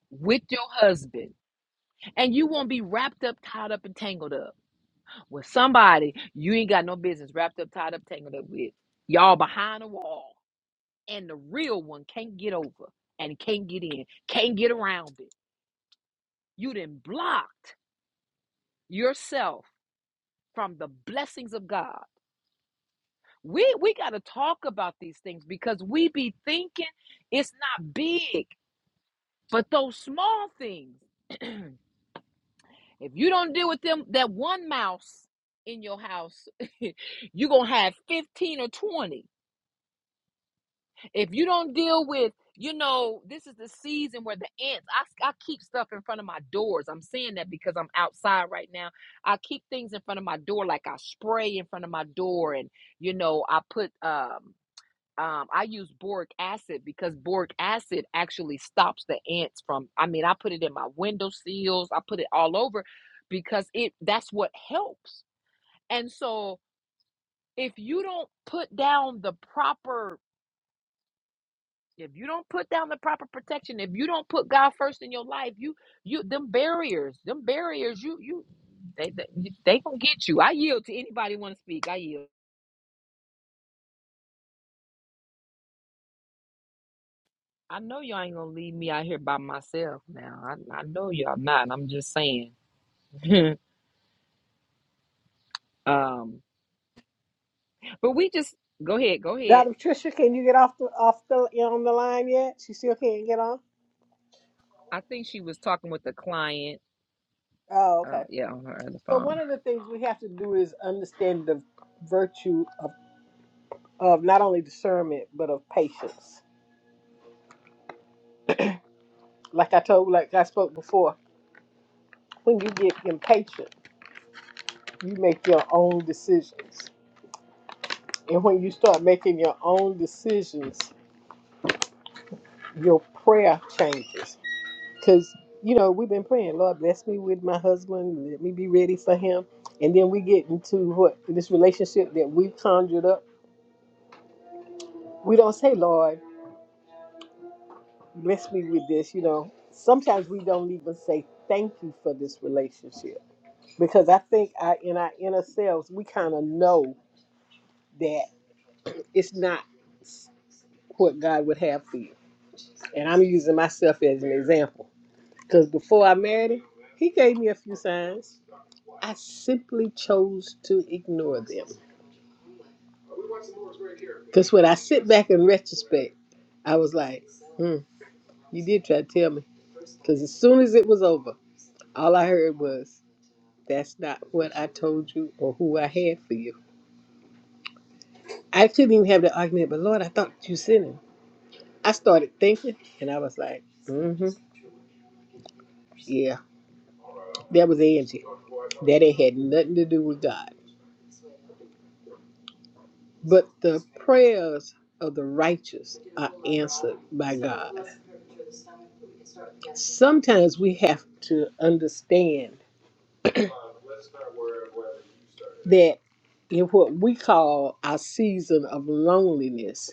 A: with your husband, and you won't be wrapped up, tied up, and tangled up with somebody you ain't got no business wrapped up, tied up, tangled up with. Y'all behind a wall, and the real one can't get over and can't get in, can't get around it. You done blocked yourself from the blessings of God We we got to talk about these things because we be thinking it's not big, but those small things. if you don't deal with them, that one mouse in your house, you're gonna have 15 or 20. If you don't deal with, you know, this is the season where the ants, I, I keep stuff in front of my doors. I'm saying that because I'm outside right now. I keep things in front of my door, like I spray in front of my door, and you know, I put um um, I use boric acid because boric acid actually stops the ants from. I mean, I put it in my window sills, I put it all over because it that's what helps. And so if you don't put down the proper if you don't put down the proper protection, if you don't put God first in your life, you you them barriers, them barriers, you you they they, they gonna get you. I yield to anybody want to speak. I yield. I know y'all ain't gonna leave me out here by myself now. I, I know y'all not. I'm just saying. um, but we just go ahead, go ahead.
B: Dr. Tricia, can you get off the off the on the line yet? She still can't get on.
A: I think she was talking with the client.
B: Oh,
A: Oh,
B: okay.
A: yeah, on her other
B: So one
A: phone.
B: of the things we have to do is understand the virtue of, of not only discernment but of patience Like I told, like I spoke before, when you get impatient, you make your own decisions. And when you start making your own decisions, your prayer changes. Because, you know, we've been praying, Lord, bless me with my husband, let me be ready for him. And then we get into what this relationship that we've conjured up. We don't say, Lord, bless me with this, you know. Sometimes we don't even say thank you for this relationship because I think I, in our inner selves, we kind of know that. It's not what God would have for you. And I'm using myself as an example. Because before I married him, he gave me a few signs. I simply chose to ignore them. Because when I sit back in retrospect, I was like, hmm, you did try to tell me. Because as soon as it was over, all I heard was, that's not what I told you or who I had for you. I couldn't even have the argument, but Lord, I thought you sent him. I started thinking and I was like, mm hmm, yeah, that was Angie. that it had nothing to do with God. But the prayers of the righteous are answered by God. Sometimes we have to understand that in what we call our season of loneliness,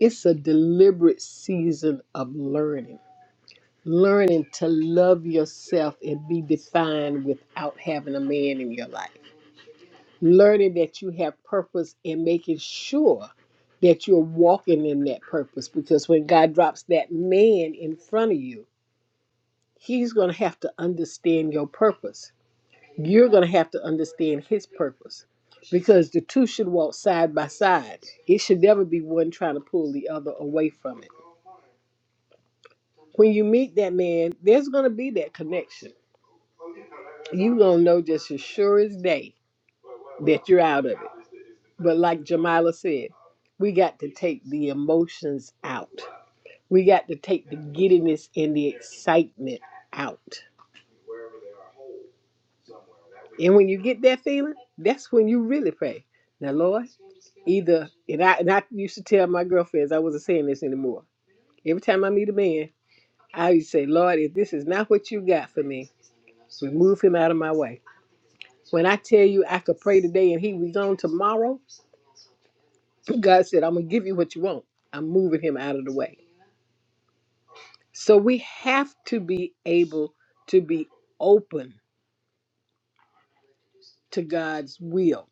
B: it's a deliberate season of learning. Learning to love yourself and be defined without having a man in your life. learning that you have purpose and making sure that you're walking in that purpose because when God drops that man in front of you, he's going to have to understand your purpose. You're going to have to understand his purpose because the two should walk side by side. It should never be one trying to pull the other away from it. When you meet that man, there's going to be that connection. You're going to know just as sure as day that you're out of it But like Jamila said, we got to take the emotions out. We got to take the giddiness and the excitement out. And when you get that feeling, that's when you really pray. Now, Lord, either and I and I used to tell my girlfriends I wasn't saying this anymore. Every time I meet a man, I used to say, Lord, if this is not what you got for me, remove him out of my way. When I tell you I could pray today and he was on tomorrow, God said, I'm gonna give you what you want. I'm moving him out of the way. So we have to be able to be open to God's will.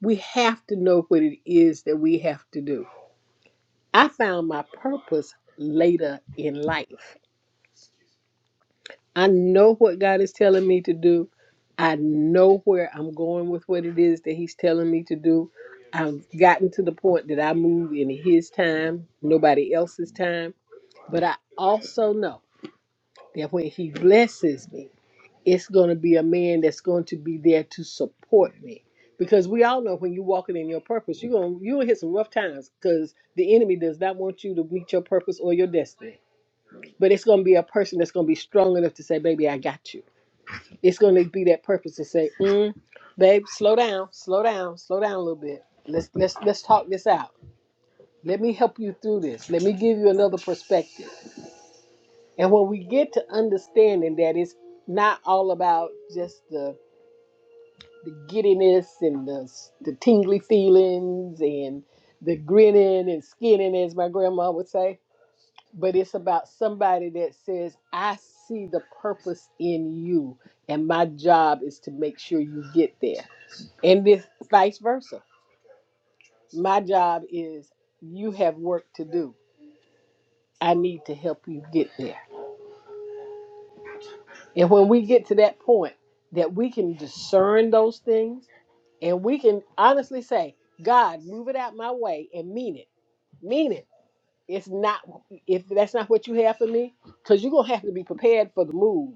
B: We have to know what it is that we have to do. I found my purpose later in life. I know what God is telling me to do. I know where I'm going with what it is that He's telling me to do. I've gotten to the point that I move in His time, nobody else's time. But I also know that when He blesses me, it's going to be a man that's going to be there to support me because we all know when you're walking in your purpose you're going to you're going to hit some rough times because the enemy does not want you to meet your purpose or your destiny but it's going to be a person that's going to be strong enough to say baby i got you it's going to be that purpose to say mm, babe slow down slow down slow down a little bit let's let's let's talk this out let me help you through this let me give you another perspective and when we get to understanding that it's not all about just the the giddiness and the, the tingly feelings and the grinning and skinning, as my grandma would say. But it's about somebody that says, I see the purpose in you, and my job is to make sure you get there. And this vice versa. My job is, you have work to do. I need to help you get there. And when we get to that point that we can discern those things and we can honestly say, God, move it out my way and mean it. Mean it. It's not if that's not what you have for me, because you're gonna have to be prepared for the move.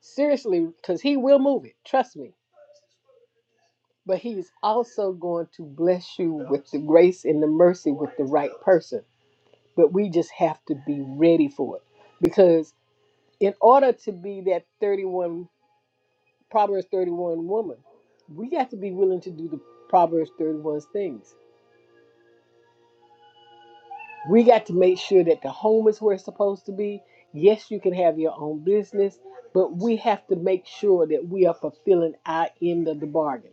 B: Seriously, because he will move it, trust me. But he is also going to bless you with the grace and the mercy with the right person. But we just have to be ready for it. Because in order to be that 31 Proverbs 31 woman. We got to be willing to do the Proverbs 31 things. We got to make sure that the home is where it's supposed to be. Yes, you can have your own business, but we have to make sure that we are fulfilling our end of the bargain.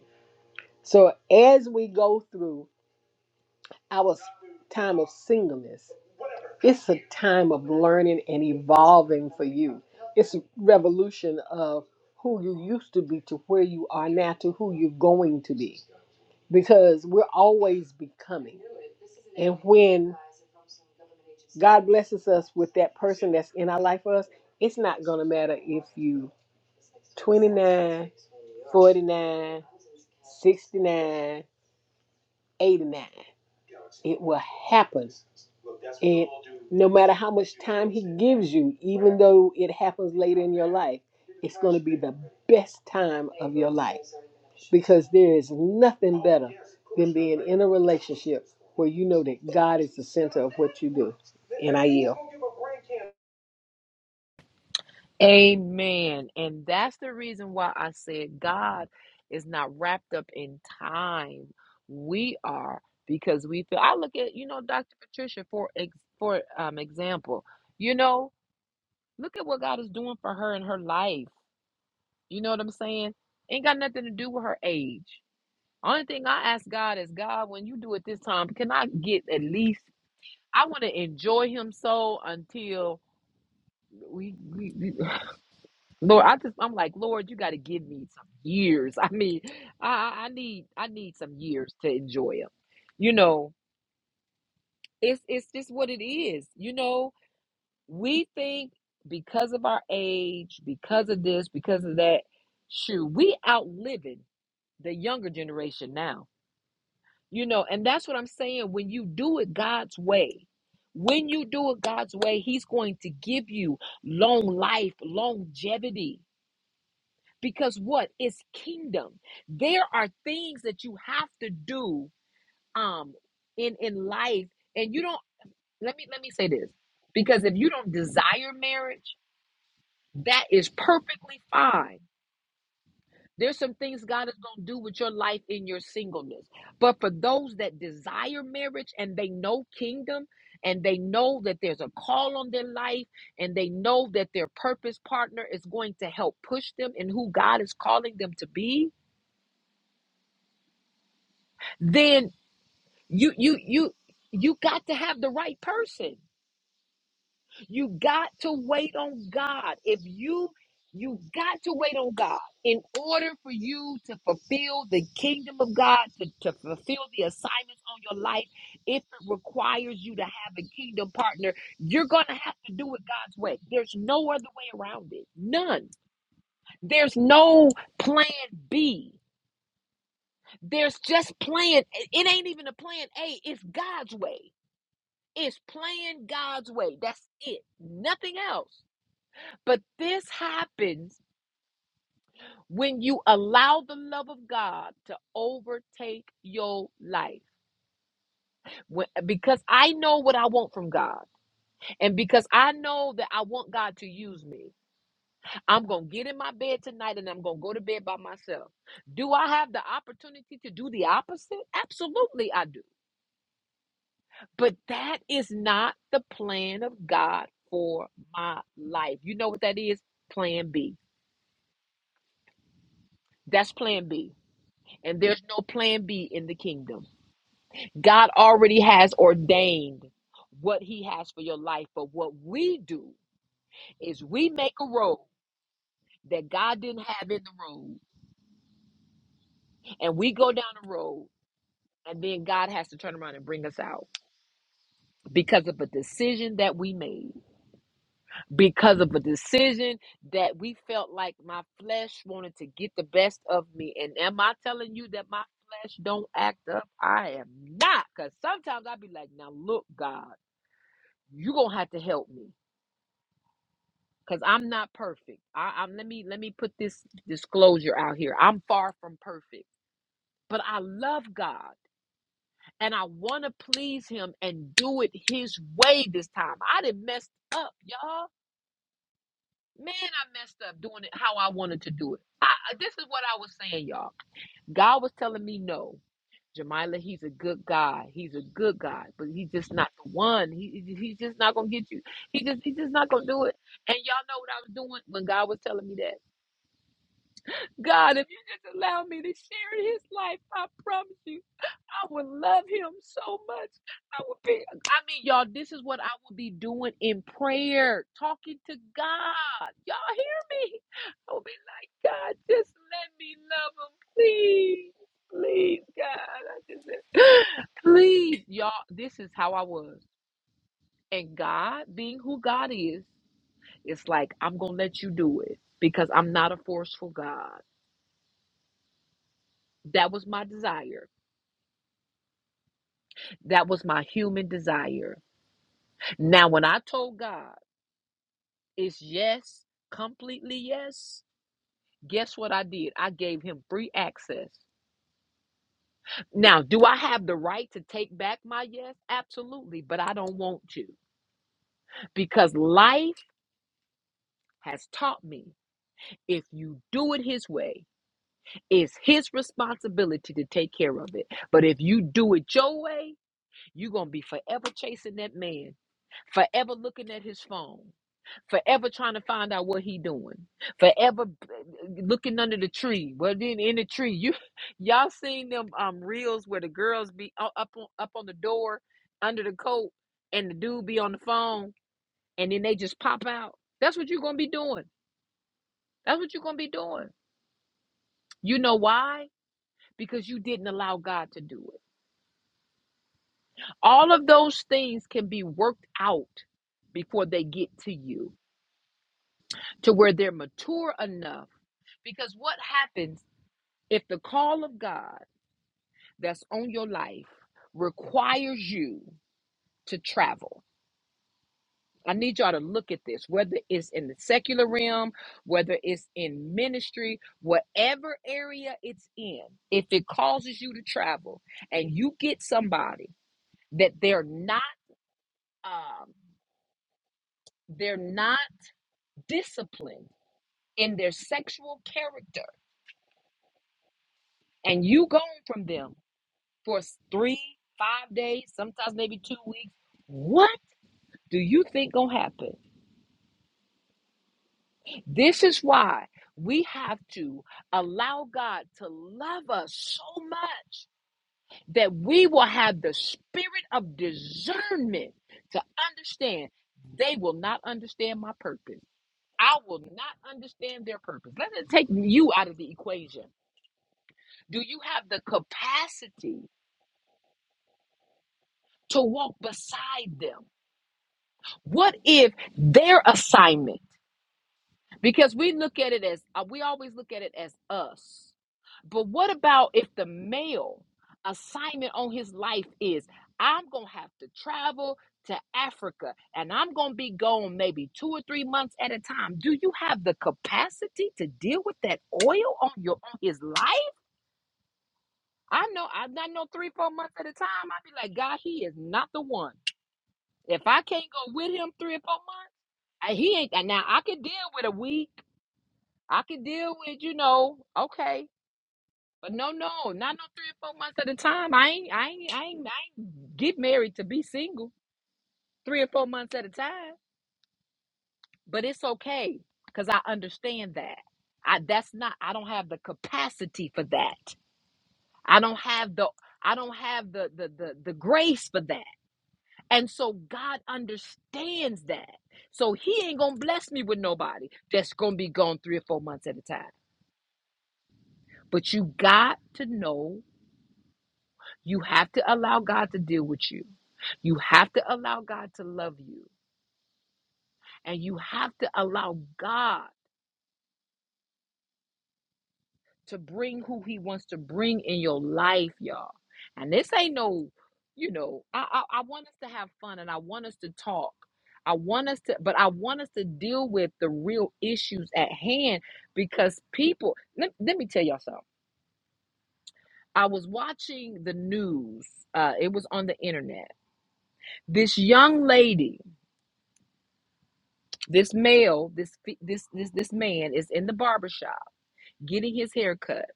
B: So as we go through our time of singleness, it's a time of learning and evolving for you. It's a revolution of who you used to be to where you are now to who you're going to be because we're always becoming. And when God blesses us with that person that's in our life for us, it's not going to matter if you 29, 49, 69, 89. It will happen And no matter how much time He gives you, even though it happens later in your life, it's going to be the best time of your life because there is nothing better than being in a relationship where you know that God is the center of what you do. And I yield.
A: Amen. And that's the reason why I said God is not wrapped up in time. We are because we feel. I look at you know Dr. Patricia for ex, for um example. You know, look at what God is doing for her in her life. You know what I'm saying? Ain't got nothing to do with her age. Only thing I ask God is, God, when you do it this time, can I get at least? I want to enjoy Him so until we, we, we- Lord, I just I'm like, Lord, you got to give me some years. I mean, I, I I need I need some years to enjoy Him. You know, it's it's just what it is. You know, we think because of our age, because of this, because of that, shoot, we outliving the younger generation now You know, and that's what I'm saying. When you do it God's way, when you do it God's way, He's going to give you long life, longevity. Because what? It's kingdom. There are things that you have to do um in in life, and you don't let me let me say this. Because if you don't desire marriage, that is perfectly fine There's some things God is going to do with your life in your singleness. But for those that desire marriage and they know kingdom and they know that there's a call on their life and they know that their purpose partner is going to help push them in who God is calling them to be, then you you you you got to have the right person. You got to wait on God. If you you got to wait on God in order for you to fulfill the kingdom of God, to, to fulfill the assignments on your life. If it requires you to have a kingdom partner, you're going to have to do it God's way. There's no other way around it. None. There's no plan B. There's just plan. It ain't even a plan A. It's God's way. It's plan God's way. That's it. Nothing else. But this happens when you allow the love of God to overtake your life. When- because I know what I want from God, and because I know that I want God to use me, I'm going to get in my bed tonight and I'm going to go to bed by myself. Do I have the opportunity to do the opposite? Absolutely, I do. But that is not the plan of God for my life. You know what that is? Plan B. That's plan B. And there's no plan B in the kingdom. God already has ordained what He has for your life. But what we do is we make a road that God didn't have in the road, and we go down the road, and then God has to turn around and bring us out because of a decision that we made, because of a decision that we felt like my flesh wanted to get the best of me. And am I telling you that my flesh don't act up? I am not, because sometimes i be like, now look, God, you're going to have to help me because I'm not perfect. I, I'm let me let me put this disclosure out here. I'm far from perfect, but I love God and I want to please Him and do it His way this time. I didn't mess up, y'all. Man, I messed up doing it how I wanted to do it. I, this is what I was saying, y'all. God was telling me no. Jamila, he's a good guy. He's a good guy, but he's just not the one. He, he- he's just not gonna get you. He just he's just not gonna do it. And y'all know what I was doing when God was telling me that. God, if you just allow me to share his life, I promise you, I would love him so much. I would be, I mean, y'all, this is what I would be doing in prayer, talking to God. Y'all hear me? I would be like, God, just let me love him, please. Please, God. I just, please, y'all, this is how I was. And God, being who God is, it's like, I'm going to let you do it because I'm not a forceful God. That was my desire That was my human desire. Now, when I told God it's yes, completely yes, guess what I did? I gave him free access. Now, do I have the right to take back my yes? Absolutely, but I don't want to because life has taught me if you do it his way, it's his responsibility to take care of it. But if you do it your way, you're going to be forever chasing that man, forever looking at his phone, forever trying to find out what he doing forever b- looking under the tree well then in the tree you y'all seen them um reels where the girls be u- up on, up on the door under the coat and the dude be on the phone and then they just pop out that's what you're gonna be doing that's what you're gonna be doing you know why because you didn't allow god to do it all of those things can be worked out before they get to you to where they're mature enough because what happens If the call of God that's on your life requires you to travel, I need y'all to look at this, whether it's in the secular realm, whether it's in ministry, whatever area it's in, if it causes you to travel and you get somebody that they're not um, they're not disciplined in their sexual character, and you gone from them for s- three, five days, sometimes maybe two weeks, what? do you think gonna happen? This is why we have to allow God to love us so much that we will have the spirit of discernment to understand they will not understand my purpose. I will not understand their purpose. Let it take you out of the equation. Do you have the capacity to walk beside them? What if their assignment? Because we look at it as uh, we always look at it as us. But what about if the male assignment on his life is I'm going to have to travel to Africa and I'm going to be gone maybe two or three months at a time? Do you have the capacity to deal with that oil on your on his life? I know I, I know three, four months at a time. I'd be like, God, he is not the one. If I can't go with him three or four months, I- he ain't. and Now I can deal with a week. I can deal with, you know, okay. But no, no, not no three or four months at a time. I ain't, I ain't, I ain't, I ain't get married to be single three or four months at a time. But it's okay because I understand that. I that's not. I don't have the capacity for that. I don't have the. I don't have the the the, the grace for that. And so God understands that. So He ain't gonna bless me with nobody that's gonna be gone three or four months at a time. But you got to know You have to allow God to deal with you. You have to allow God to love you. And you have to allow God to bring who He wants to bring in your life, y'all. And this ain't no, you know, I, I, I want us to have fun and I want us to talk. I want us to, but I want us to deal with the real issues at hand because people, let, let me tell y'all something. I was watching the news, uh, it was on the internet. This young lady This male, this fe- this this this man is in the barber shop getting his hair cut.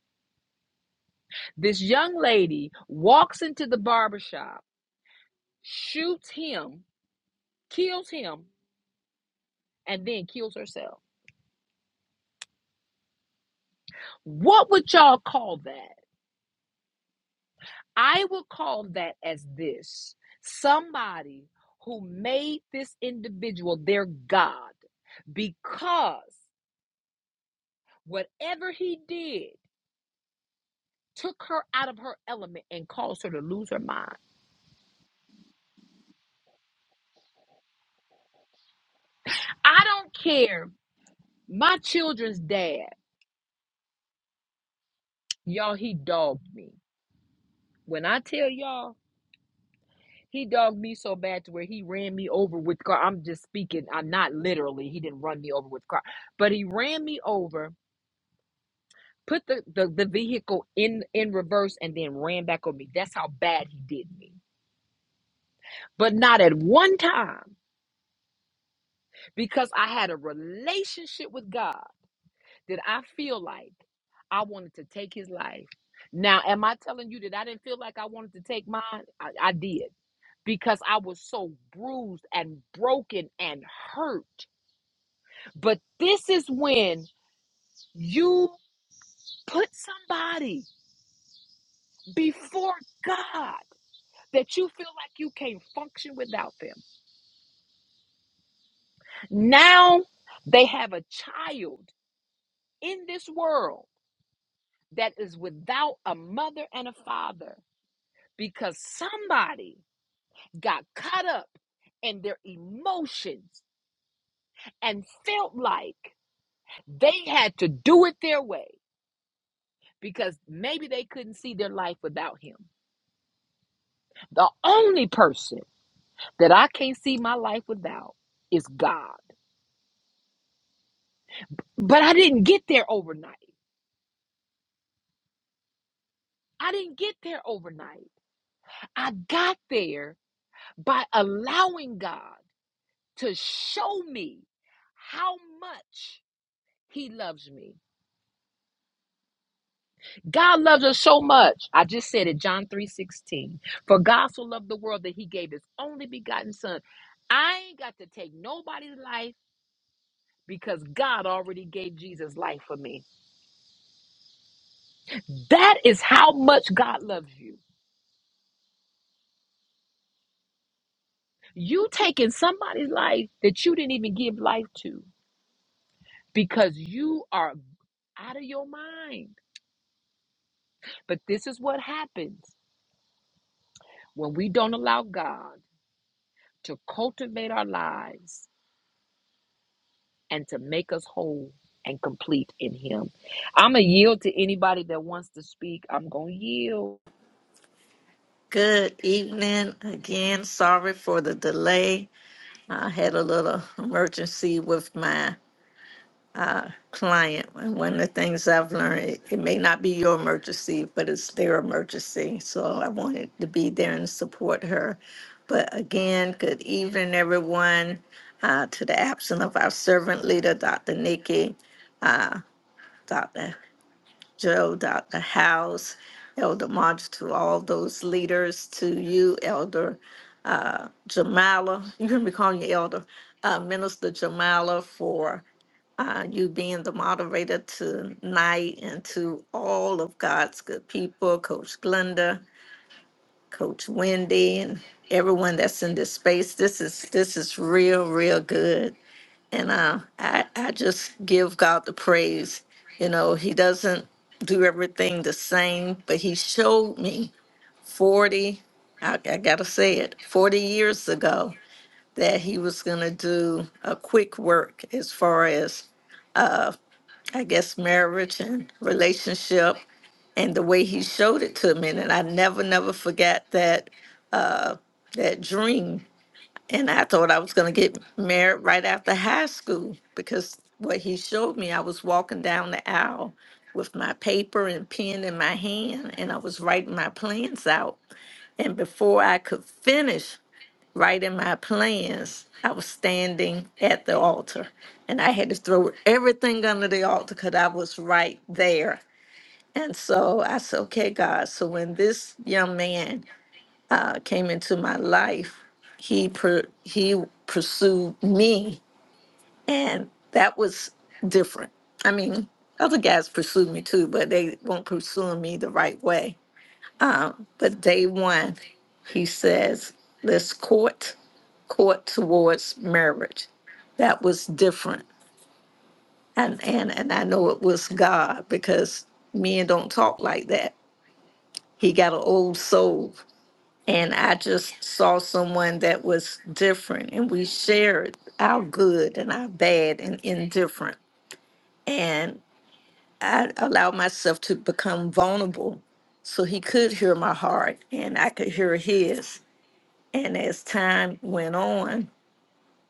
A: This young lady walks into the barber shop, shoots him, kills him, and then kills herself. What would y'all call that? I would call that as this. Somebody who made this individual their god because whatever he did took her out of her element and caused her to lose her mind. I don't care My children's dad, y'all, he dogged me. When I tell y'all, he dogged me so bad to where he ran me over with car. I'm just speaking. I'm not literally. He didn't run me over with car, but he ran me over, put the, the, the vehicle in in reverse, and then ran back on me. That's how bad he did me. But not at one time because I had a relationship with God. Did I feel like I wanted to take his life? Now, am I telling you that I didn't feel like I wanted to take mine? I, I did because I was so bruised and broken and hurt. But this is when you put somebody before God that you feel like you can't function without them. Now they have a child in this world that is without a mother and a father because somebody got caught up in their emotions and felt like they had to do it their way because maybe they couldn't see their life without him. The only person that I can't see my life without is God. But I didn't get there overnight. I didn't get there overnight. I got there by allowing God to show me how much he loves me God loves us so much. I just said it, John 3:16. For God so loved the world that he gave his only begotten son. I ain't got to take nobody's life because God already gave Jesus life for me. That is how much God loves you. You taking somebody's life that you didn't even give life to because you are out of your mind. But this is what happens when we don't allow God to cultivate our lives and to make us whole and complete in him. I'm going to yield to anybody that wants to speak. I'm going to yield.
D: Good evening again. Sorry for the delay. I had a little emergency with my client. And one of the things I've learned, it, it may not be your emergency, but it's their emergency. So I wanted to be there and support her. But again, good evening, everyone. Uh, to the absent of our servant leader, Dr. Nikki, uh, Dr. Joe, Dr. House, Elder March, to all those leaders, to you, Elder uh, Jamala. You can be calling you Elder uh, Minister Jamala for uh, you being the moderator tonight, and to all of God's good people, Coach Glenda, Coach Wendy, and everyone that's in this space. This is this is real, real good. And uh, I, I just give God the praise. You know, He doesn't do everything the same, but He showed me 40, I, I got to say it, 40 years ago that He was going to do a quick work as far as, I guess, marriage and relationship and the way He showed it to me. And I never, never forget that that dream And I thought I was going to get married right after high school because what he showed me, I was walking down the aisle with my paper and pen in my hand, and I was writing my plans out. And before I could finish writing my plans, I was standing at the altar, and I had to throw everything under the altar because I was right there. And so I said, okay, God, so when this young man uh, came into my life, he per, he pursued me, and that was different. I mean, other guys pursued me too, but they weren't pursuing me the right way. Um, but day one, he says, "Let's court court towards marriage." That was different, and and and I know it was God because men don't talk like that. He got an old soul and I just saw someone that was different, and we shared our good and our bad and indifferent. And I allowed myself to become vulnerable so he could hear my heart and I could hear his. And as time went on,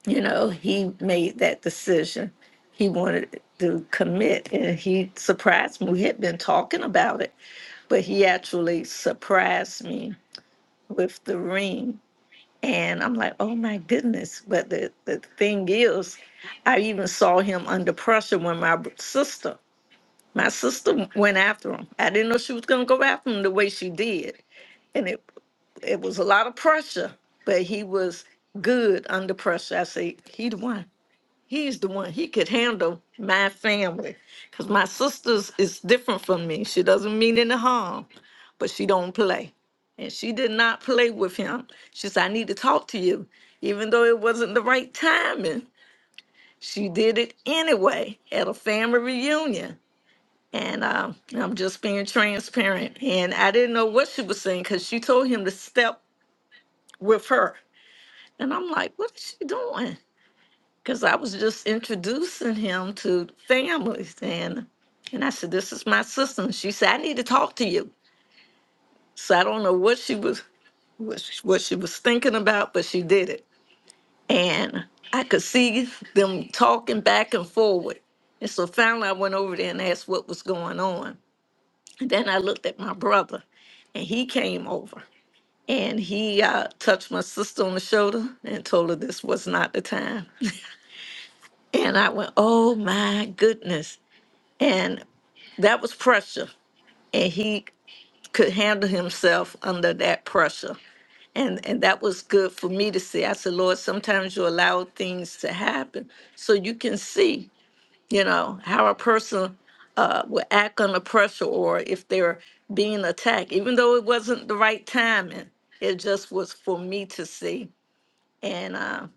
D: you know, he made that decision. He wanted to commit and he surprised me. We had been talking about it, but he actually surprised me with the ring And I'm like, oh my goodness. But the, the thing is, I even saw him under pressure when my b- sister, my sister went after him. I didn't know she was going to go after him the way she did. And it, it was a lot of pressure, but he was good under pressure. I say, he the one. He's the one. He could handle my family. Because my sister's is different from me. She doesn't mean any harm but she don't play. And she did not play with him. She said, I need to talk to you. Even though it wasn't the right timing, she did it anyway at a family reunion. And um, I'm just being transparent. And I didn't know what she was saying because she told him to step with her. And I'm like, what is she doing? Because I was just introducing him to families. And and I said, This is my sister. And she said, I need to talk to you. So I don't know what she was. what she, what she was thinking about, but she did it. And I could see them talking back and forward. And so finally, I went over there and asked what was going on. And then I looked at my brother, and he came over and he uh, touched my sister on the shoulder and told her this was not the time. And I went, oh my goodness. And that was pressure. And he could handle himself under that pressure. And and that was good for me to see. I said, Lord, sometimes you allow things to happen so you can see, you know, how a person uh, will act under pressure or if they're being attacked, even though it wasn't the right timing. It just was for me to see. And, uh,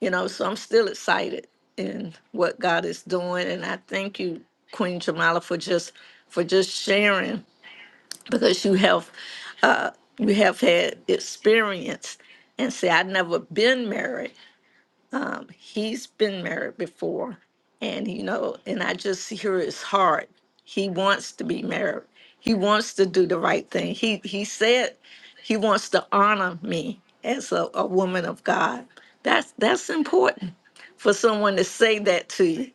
D: you know, so I'm still excited in what God is doing. And I thank you, Queen Jamala, for just for just sharing because you have uh, you have had experience and say i've never been married um, he's been married before and you know and i just hear his heart he wants to be married he wants to do the right thing he he said he wants to honor me as a, a woman of god that's that's important for someone to say that to you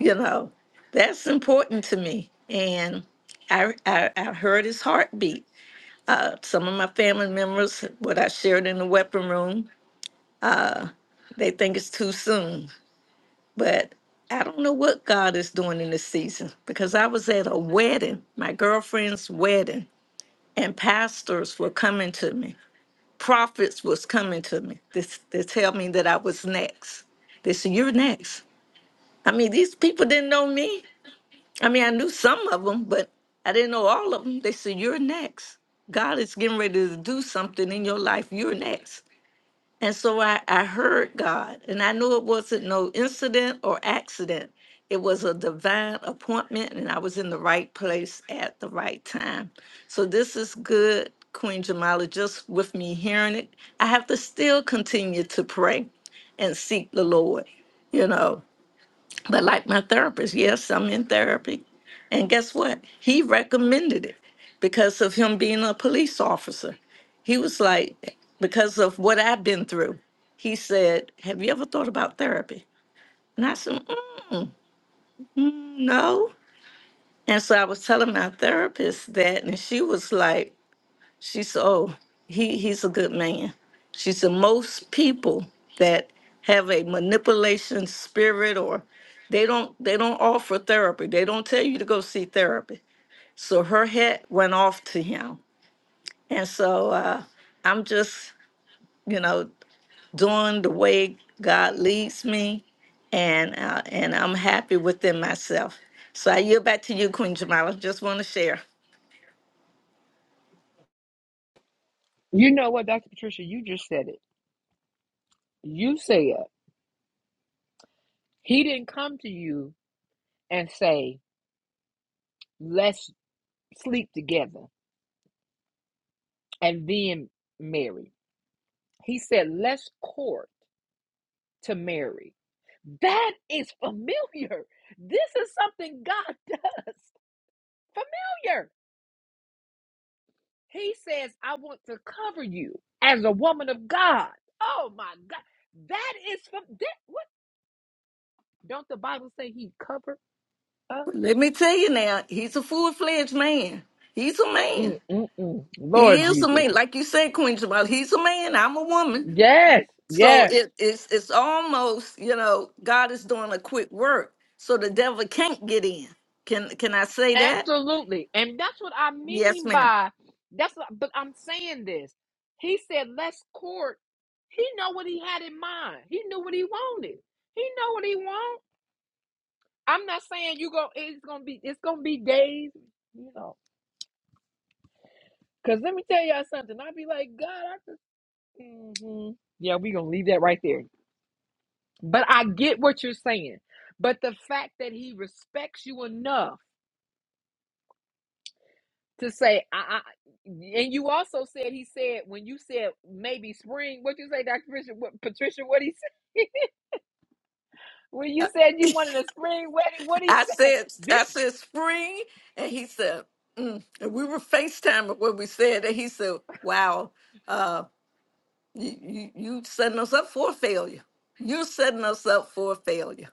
D: you know that's important to me and i i, I heard his heartbeat uh, some of my family members, what I shared in the weapon room, they think it's too soon. But I don't know what God is doing in this season because I was at a wedding, my girlfriend's wedding, and pastors were coming to me. Prophets was coming to me This to tell me that I was next. They said, You're next. I mean, these people didn't know me. I mean, I knew some of them, but I didn't know all of them. They said, You're next. God is getting ready to do something in your life. You're next. And so I, I heard God, and I knew it wasn't no incident or accident. It was a divine appointment, and I was in the right place at the right time. So this is good, Queen Jamala, just with me hearing it. I have to still continue to pray and seek the Lord, you know. But like my therapist, yes, I'm in therapy. And guess what? He recommended it because of him being a police officer. He was like, because of what I've been through, he said, Have you ever thought about therapy? And I said, mm, mm, No. And so I was telling my therapist that, and she was like, she said, "Oh, he he's a good man." She said, "Most people that have a manipulation spirit, or they don't they don't offer therapy. They don't tell you to go see therapy." So her hat went off to him, and so uh, I'm just you know doing the way God leads me, and uh, and I'm happy within myself. So I yield back to you, Queen Jamila. Just want to share.
A: You know what, Dr. Patricia, you just said it. You said he didn't come to you and say, let's sleep together and then marry. He said, let's court to marry. That is familiar. This is something God does. Familiar. He says, I want to cover you as a woman of God. Oh my God. That is from that. What? Don't the Bible say he covered us?
D: Let me tell you now, he's a full fledged man. He's a
A: Mm,
D: man.
A: mm, mm.
D: He
A: Lord
D: is a
A: Jesus.
D: man. Like you said, Queen Jamal, he's a man. I'm a woman.
A: Yes,
D: So
A: yes,
D: it, it's it's almost, you know, God is doing a quick work. So the devil can't get in. Can can I say that?
A: absolutely. And that's what I
D: Yes,
A: mean
D: ma'am.
A: by that's what, but I'm saying this. He said, let's court. He know what he had in mind. He knew what he wanted. He know what he want. I'm not saying you go it's gonna be it's gonna be days. You know. Cause let me tell y'all something. I'd be like, God, I just hmm yeah, we gonna leave that right there. But I get what you're saying. But the fact that he respects you enough to say, I, I and you also said he said when you said maybe spring, what you say, Dr. Patricia? What, Patricia, what he said when you said you wanted a spring wedding, what he
D: I
A: said?
D: said
A: This
D: I said spring, and he said, mm. and we were FaceTiming when we said that. He said, Wow, uh, you, you you setting us up for failure. You're setting us up for failure.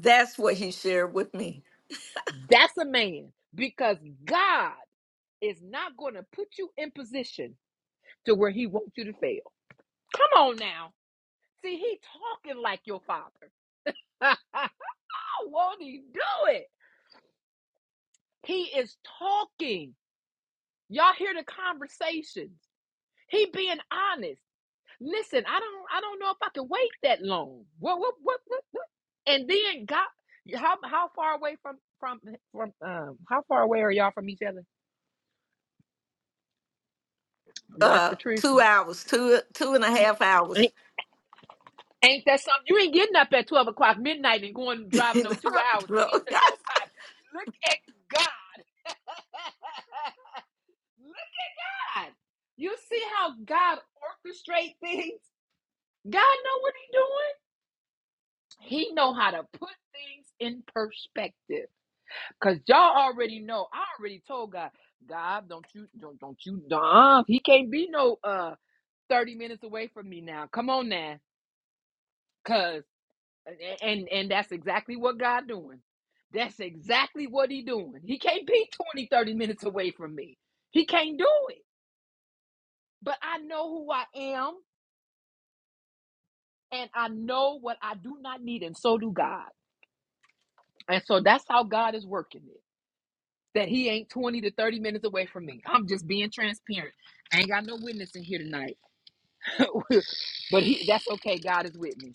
D: That's what he shared with me.
A: that's a man because God is not gonna put you in position to where he wants you to fail. Come on now. See, he talking like your father. How won't he do it? He is talking. Y'all hear the conversations. He being honest. Listen, I don't I don't know if I can wait that long. What what what what, what? And then God how how far away from from from um how far away are y'all from each other? Dr.
D: Uh,
A: Patricia.
D: two hours, two two and a half hours.
A: Ain't ain't that something? You ain't getting up at 12 o'clock midnight and going driving
D: You
A: no two hours and
D: know?
A: get to nobody. Look at God. God. You see how God orchestrates things? God know what he doing. He know how to put things in perspective. Cause y'all already know. I already told God, God, don't you don't don't you uh, he can't be no uh 30 minutes away from me now. Come on now. Cause and and that's exactly what God doing. That's exactly what he doing. He can't be 20 30 minutes away from me. He can't do it. But I know who I am. and I know what I do not need, and so do God. And so that's how God is working it. That He ain't 20 to 30 minutes away from me. I'm just being transparent. I ain't got no witness in here tonight. but he, that's okay. God is with me.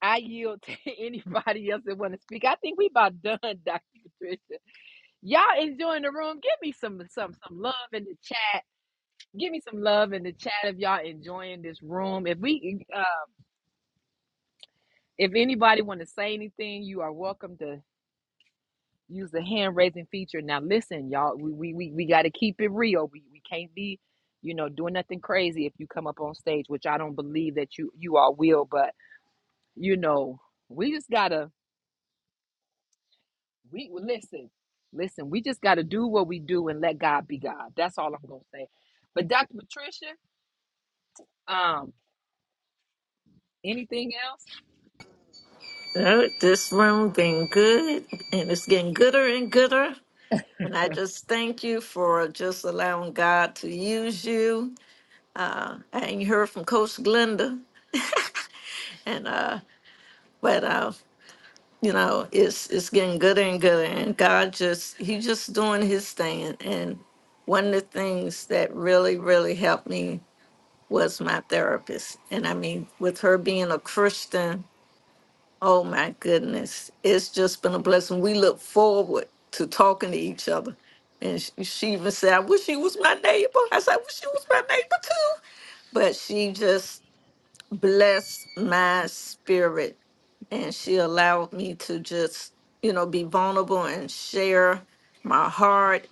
A: I yield to anybody else that want to speak. I think we about done, Dr. Patricia. Y'all enjoying the room. Give me some some some love in the chat. Give me some love in the chat if y'all enjoying this room. If we uh if anybody want to say anything, you are welcome to use the hand raising feature. Now listen, y'all, we we we, we gotta keep it real. We we can't be, you know, doing nothing crazy if you come up on stage, which I don't believe that you you all will, but you know, we just gotta we well, listen, listen, we just gotta do what we do and let God be God. That's all I'm gonna say. But Dr. Patricia, um, anything else?
D: Oh, this room been good, and it's getting gooder and gooder. And I just thank you for just allowing God to use you. Uh, I ain't heard from Coach Glenda, and uh, but uh, you know, it's it's getting gooder and gooder. And God just He just doing His thing. And one of the things that really really helped me was my therapist. And I mean, with her being a Christian, oh my goodness, it's just been a blessing. We look forward to talking to each other. And sh- she even said, I wish she was my neighbor. I said, I wish she was my neighbor too. But she just blessed my spirit. And she allowed me to just, you know, be vulnerable and share my heart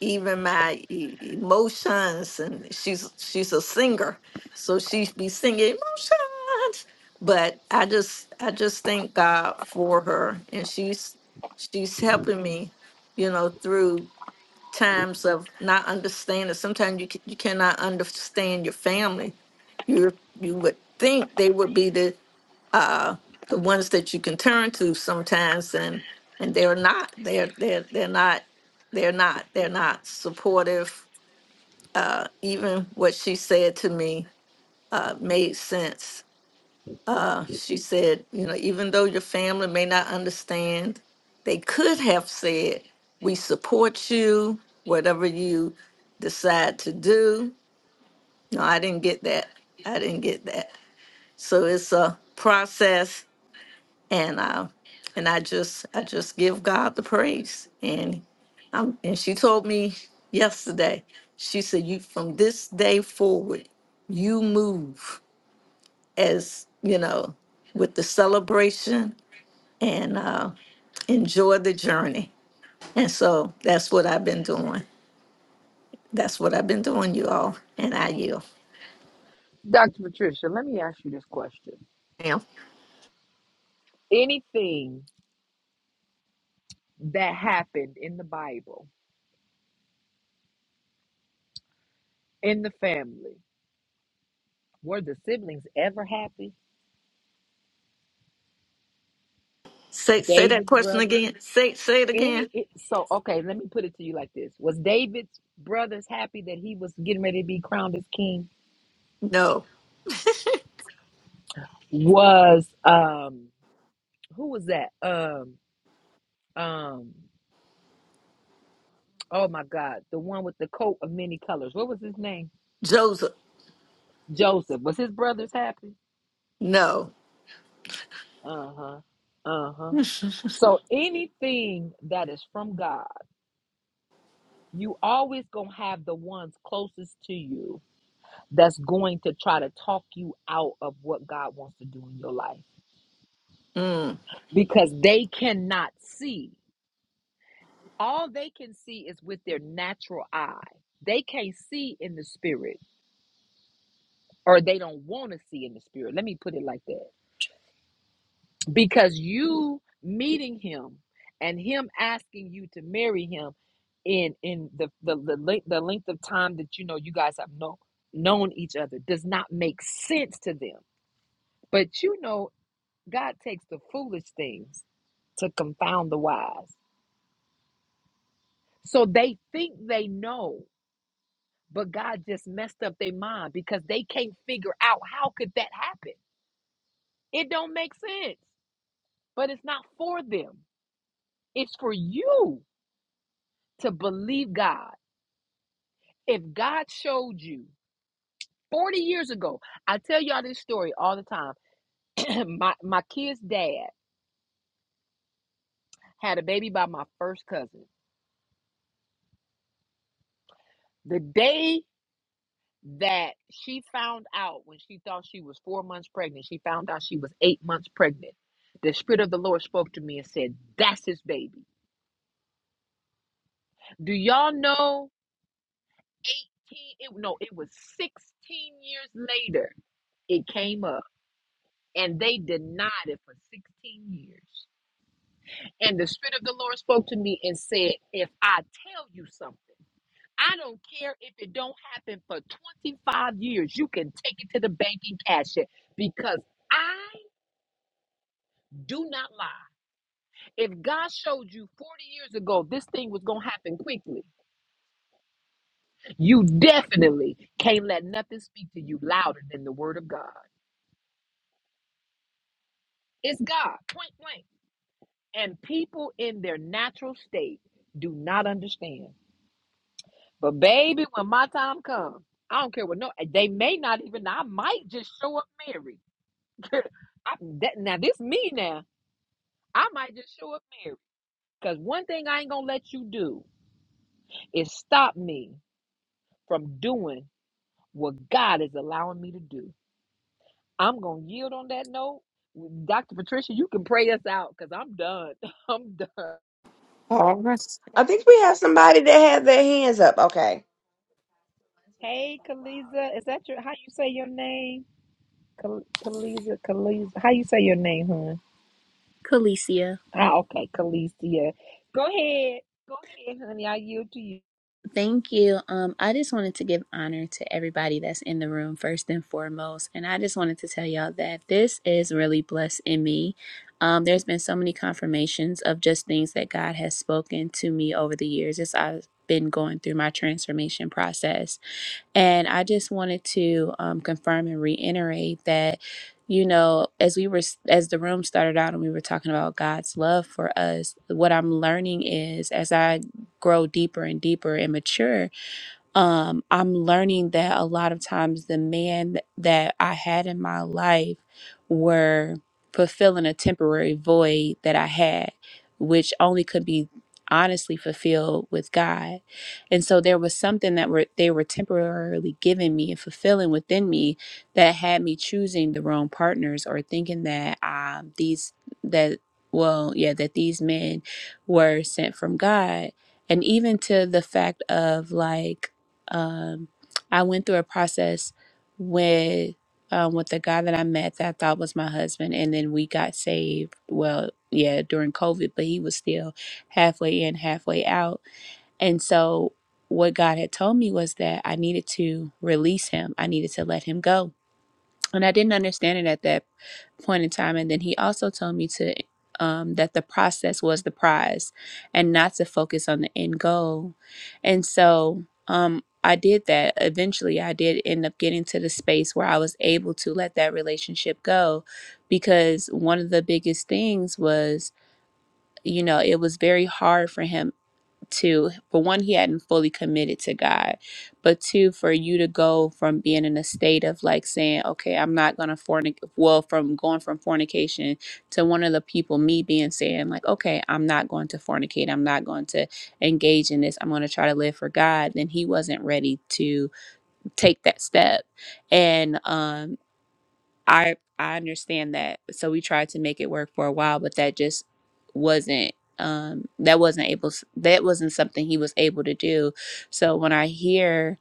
D: even my e- emotions and she's she's a singer so she'd be singing emotions but i just i just thank god for her and she's she's helping me you know through times of not understanding sometimes you, ca- you cannot understand your family you you would think they would be the uh, the ones that you can turn to sometimes, and and they're not. They're they're they're not. They're not. They're not supportive. Uh, even what she said to me uh, made sense. Uh, she said, you know, even though your family may not understand, they could have said, "We support you, whatever you decide to do." No, I didn't get that. I didn't get that. So it's a process and uh, and I just I just give God the praise. And um, and she told me yesterday, she said, "You from this day forward, you move as you know with the celebration and uh, enjoy the journey." And so that's what I've been doing. That's what I've been doing, you all. And I yield.
A: Dr. Patricia, let me ask you this question.
D: Now,
A: Anything that happened in the Bible, in the family, were the siblings ever happy?
D: say say that
A: David's
D: question
A: brothers.
D: again. Say say it
A: Any
D: again.
A: it, so okay, let me put it to you like this. Was David's brothers happy that he was getting ready to be crowned as king?
D: No,
A: Was um who was that? Um um oh my god, the one with the coat of many colors. What was his name?
D: Joseph.
A: Joseph. Was his brothers happy?
D: No.
A: Uh-huh. Uh-huh. So anything that is from God, you always going to have the ones closest to you that's going to try to talk you out of what God wants to do in your life.
D: Mm.
A: because they cannot see. All they can see is with their natural eye. They can't see in the spirit, or they don't want to see in the spirit. Let me put it like that. Because you meeting him and him asking you to marry him in in the the, the, length, the length of time that you know you guys have known known each other does not make sense to them. But you know, God takes the foolish things to confound the wise. So they think they know but God just messed up their mind because they can't figure out how could that happen. It don't make sense. But it's not for them. It's for you to believe God. If God showed you 40 years ago, I tell y'all this story all the time. my my kid's dad had a baby by my first cousin. The day that she found out when she thought she was 4 months pregnant, she found out she was 8 months pregnant. The spirit of the Lord spoke to me and said, "That's his baby." Do y'all know 18 it no, it was 16 years later it came up and they denied it for 16 years. And the spirit of the Lord spoke to me and said, "If I tell you something, I don't care if it don't happen for 25 years. You can take it to the bank and cash it because I do not lie. If God showed you 40 years ago this thing was going to happen quickly, you definitely can't let nothing speak to you louder than the word of God. It's God, point blank. And people in their natural state do not understand. But baby, when my time comes, I don't care what no. They may not even. I might just show up married. I, that, now this me now. I might just show up married. Cause one thing I ain't gonna let you do is stop me from doing what God is allowing me to do. I'm gonna yield on that note. Dr. Patricia, you can pray us out because I'm done. I'm done.
D: All right.
C: I think we have somebody that had their hands up. Okay.
A: Hey, Kaliza, is that your how you say your name? Kal- Kaliza, Kaliza, how you say your name, hon?
E: Calicia.
A: Ah, okay, Kalicia. Go ahead, go ahead, honey. I yield to you.
E: Thank you. Um, I just wanted to give honor to everybody that's in the room first and foremost, and I just wanted to tell y'all that this is really blessing me. Um, there's been so many confirmations of just things that God has spoken to me over the years as I've been going through my transformation process. And I just wanted to um, confirm and reiterate that, you know, as we were, as the room started out and we were talking about God's love for us, what I'm learning is as I grow deeper and deeper and mature um, I'm learning that a lot of times the man that I had in my life were fulfilling a temporary void that I had, which only could be honestly fulfilled with God. And so there was something that were they were temporarily giving me and fulfilling within me that had me choosing the wrong partners or thinking that um these that well yeah that these men were sent from God. And even to the fact of like um, I went through a process with um, with the guy that I met that I thought was my husband, and then we got saved. Well, yeah, during COVID, but he was still halfway in, halfway out, and so what God had told me was that I needed to release him. I needed to let him go, and I didn't understand it at that point in time and then he also told me to um, that the process was the prize and not to focus on the end goal and so um, i did that eventually i did end up getting to the space where i was able to let that relationship go because one of the biggest things was you know it was very hard for him to for one he hadn't fully committed to god but two for you to go from being in a state of like saying okay i'm not gonna fornicate well from going from fornication to one of the people me being saying like okay i'm not going to fornicate i'm not going to engage in this i'm going to try to live for god then he wasn't ready to take that step and um I I understand that. So we tried to make it work for a while, but that just wasn't um that wasn't able that wasn't something he was able to do. So when I hear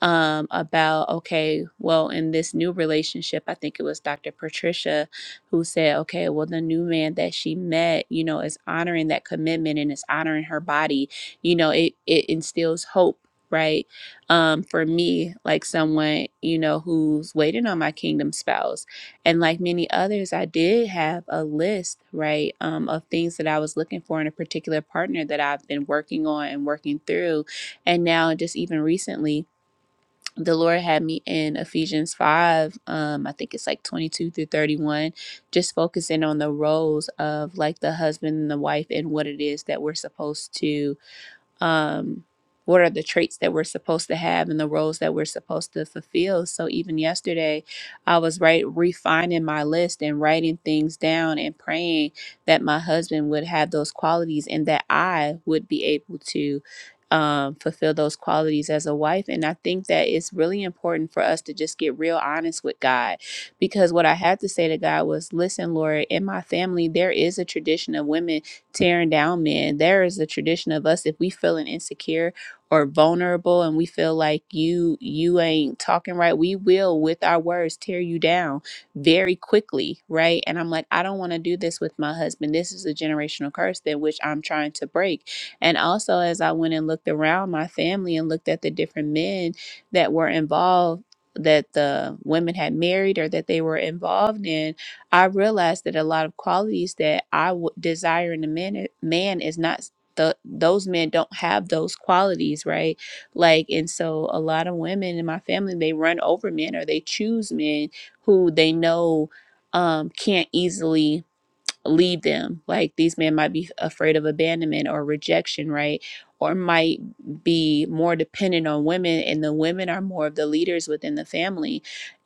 E: um, about okay, well, in this new relationship, I think it was Dr. Patricia who said, okay, well, the new man that she met, you know, is honoring that commitment and is honoring her body. You know, it it instills hope, right? Um, for me, like someone you know who's waiting on my kingdom spouse, and like many others, I did have a list, right, um, of things that I was looking for in a particular partner that I've been working on and working through, and now just even recently the Lord had me in Ephesians 5, um, I think it's like 22 through 31, just focusing on the roles of like the husband and the wife and what it is that we're supposed to um, what are the traits that we're supposed to have and the roles that we're supposed to fulfill. So even yesterday, I was right refining my list and writing things down and praying that my husband would have those qualities and that I would be able to um, fulfill those qualities as a wife. And I think that it's really important for us to just get real honest with God because what I had to say to God was, listen, Lord, in my family, there is a tradition of women tearing down men. There is a tradition of us if we feeling insecure or vulnerable and we feel like you you ain't talking right, we will with our words tear you down very quickly, right? And I'm like, I don't want to do this with my husband. This is a generational curse that which I'm trying to break. And also as I went and looked around my family and looked at the different men that were involved that the women had married or that they were involved in I realized that a lot of qualities that I would desire in a man, eh, man is not the, those men don't have those qualities, right? Like, and so a lot of women in my family, they run over men or they choose men who they know um, can't easily leave them. Like these men might be afraid of abandonment or rejection, right? Or might be more dependent on women, and the women are more of the leaders within the family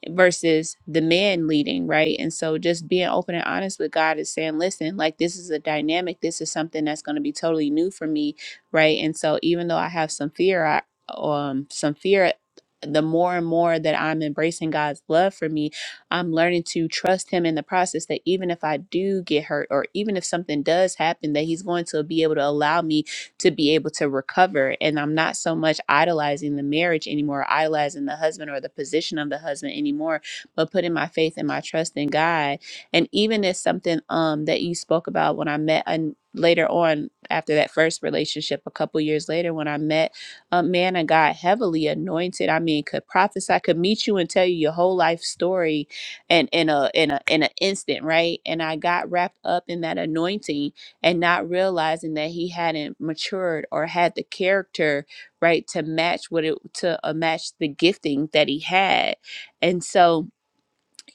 E: versus the men leading, right? And so just being open and honest with God is saying, listen, like this is a dynamic, this is something that's going to be totally new for me, right? And so even though I have some fear, I um some fear the more and more that I'm embracing God's love for me I'm learning to trust him in the process that even if I do get hurt or even if something does happen, that he's going to be able to allow me to be able to recover. And I'm not so much idolizing the marriage anymore, idolizing the husband or the position of the husband anymore, but putting my faith and my trust in God. And even if something um that you spoke about when I met and later on after that first relationship a couple years later when I met a man of God heavily anointed, I mean could prophesy, could meet you and tell you your whole life story and in a in a in an instant, right? And I got wrapped up in that anointing and not realizing that he hadn't matured or had the character, right, to match what it to uh, match the gifting that he had. And so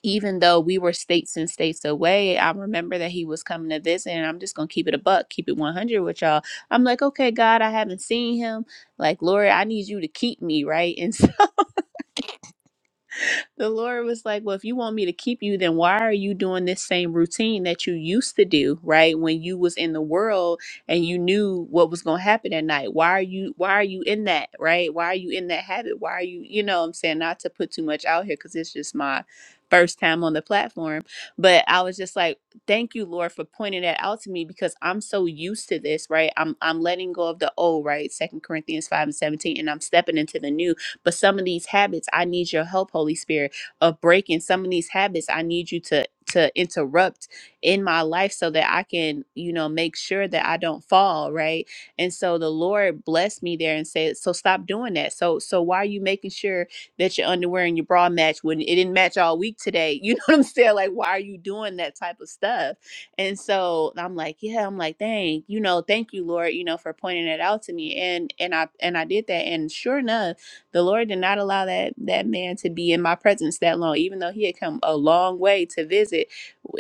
E: even though we were states and states away, I remember that he was coming to visit, and I'm just gonna keep it a buck, keep it 100 with y'all. I'm like, okay, God, I haven't seen him. Like, Lord, I need you to keep me, right? and the Lord was like, Well, if you want me to keep you, then why are you doing this same routine that you used to do, right? When you was in the world and you knew what was gonna happen at night. Why are you why are you in that, right? Why are you in that habit? Why are you, you know what I'm saying, not to put too much out here because it's just my first time on the platform. But I was just like, Thank you, Lord, for pointing that out to me because I'm so used to this, right? I'm I'm letting go of the old, right? Second Corinthians five and seventeen, and I'm stepping into the new but some of these habits, I need your help, Holy Spirit, of breaking. Some of these habits, I need you to to interrupt in my life so that I can, you know, make sure that I don't fall, right? And so the Lord blessed me there and said, "So stop doing that. So so why are you making sure that your underwear and your bra match when it didn't match all week today? You know what I'm saying? Like why are you doing that type of stuff?" And so I'm like, "Yeah, I'm like, "Dang, you know, thank you, Lord, you know, for pointing it out to me." And and I and I did that and sure enough the Lord did not allow that that man to be in my presence that long, even though he had come a long way to visit.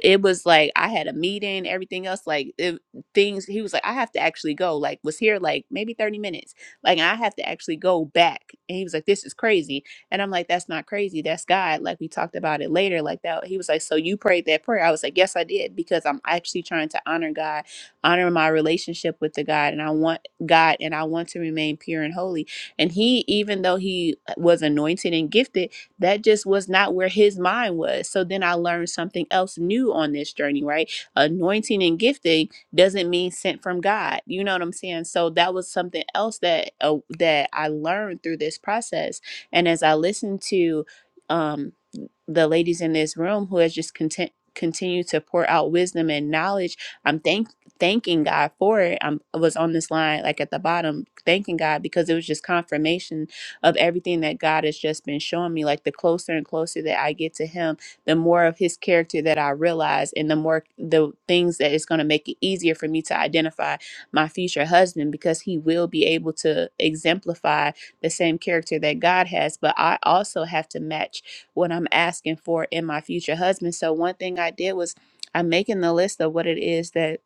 E: It was like I had a meeting, everything else, like it, things. He was like, I have to actually go. Like was here like maybe thirty minutes. Like I have to actually go back. And he was like, This is crazy. And I'm like, That's not crazy. That's God. Like we talked about it later. Like that. He was like, So you prayed that prayer? I was like, Yes, I did because I'm actually trying to honor God honor my relationship with the God and I want God and I want to remain pure and holy and he, even though he was anointed and gifted, that just was not where his mind was. So then I learned something else new on this journey, right? Anointing and gifting doesn't mean sent from God. You know what I'm saying? So that was something else that uh, that I learned through this process. And as I listened to um the ladies in this room who has just content continued to pour out wisdom and knowledge. I'm thank thanking God for it. I'm, I was on this line like at the bottom thanking God because it was just confirmation of everything that God has just been showing me. Like the closer and closer that I get to Him, the more of His character that I realize, and the more the things that it's going to make it easier for me to identify my future husband because he will be able to exemplify the same character that God has. But I also have to match what I'm asking for in my future husband. So one thing I did was I'm making the list of what it is that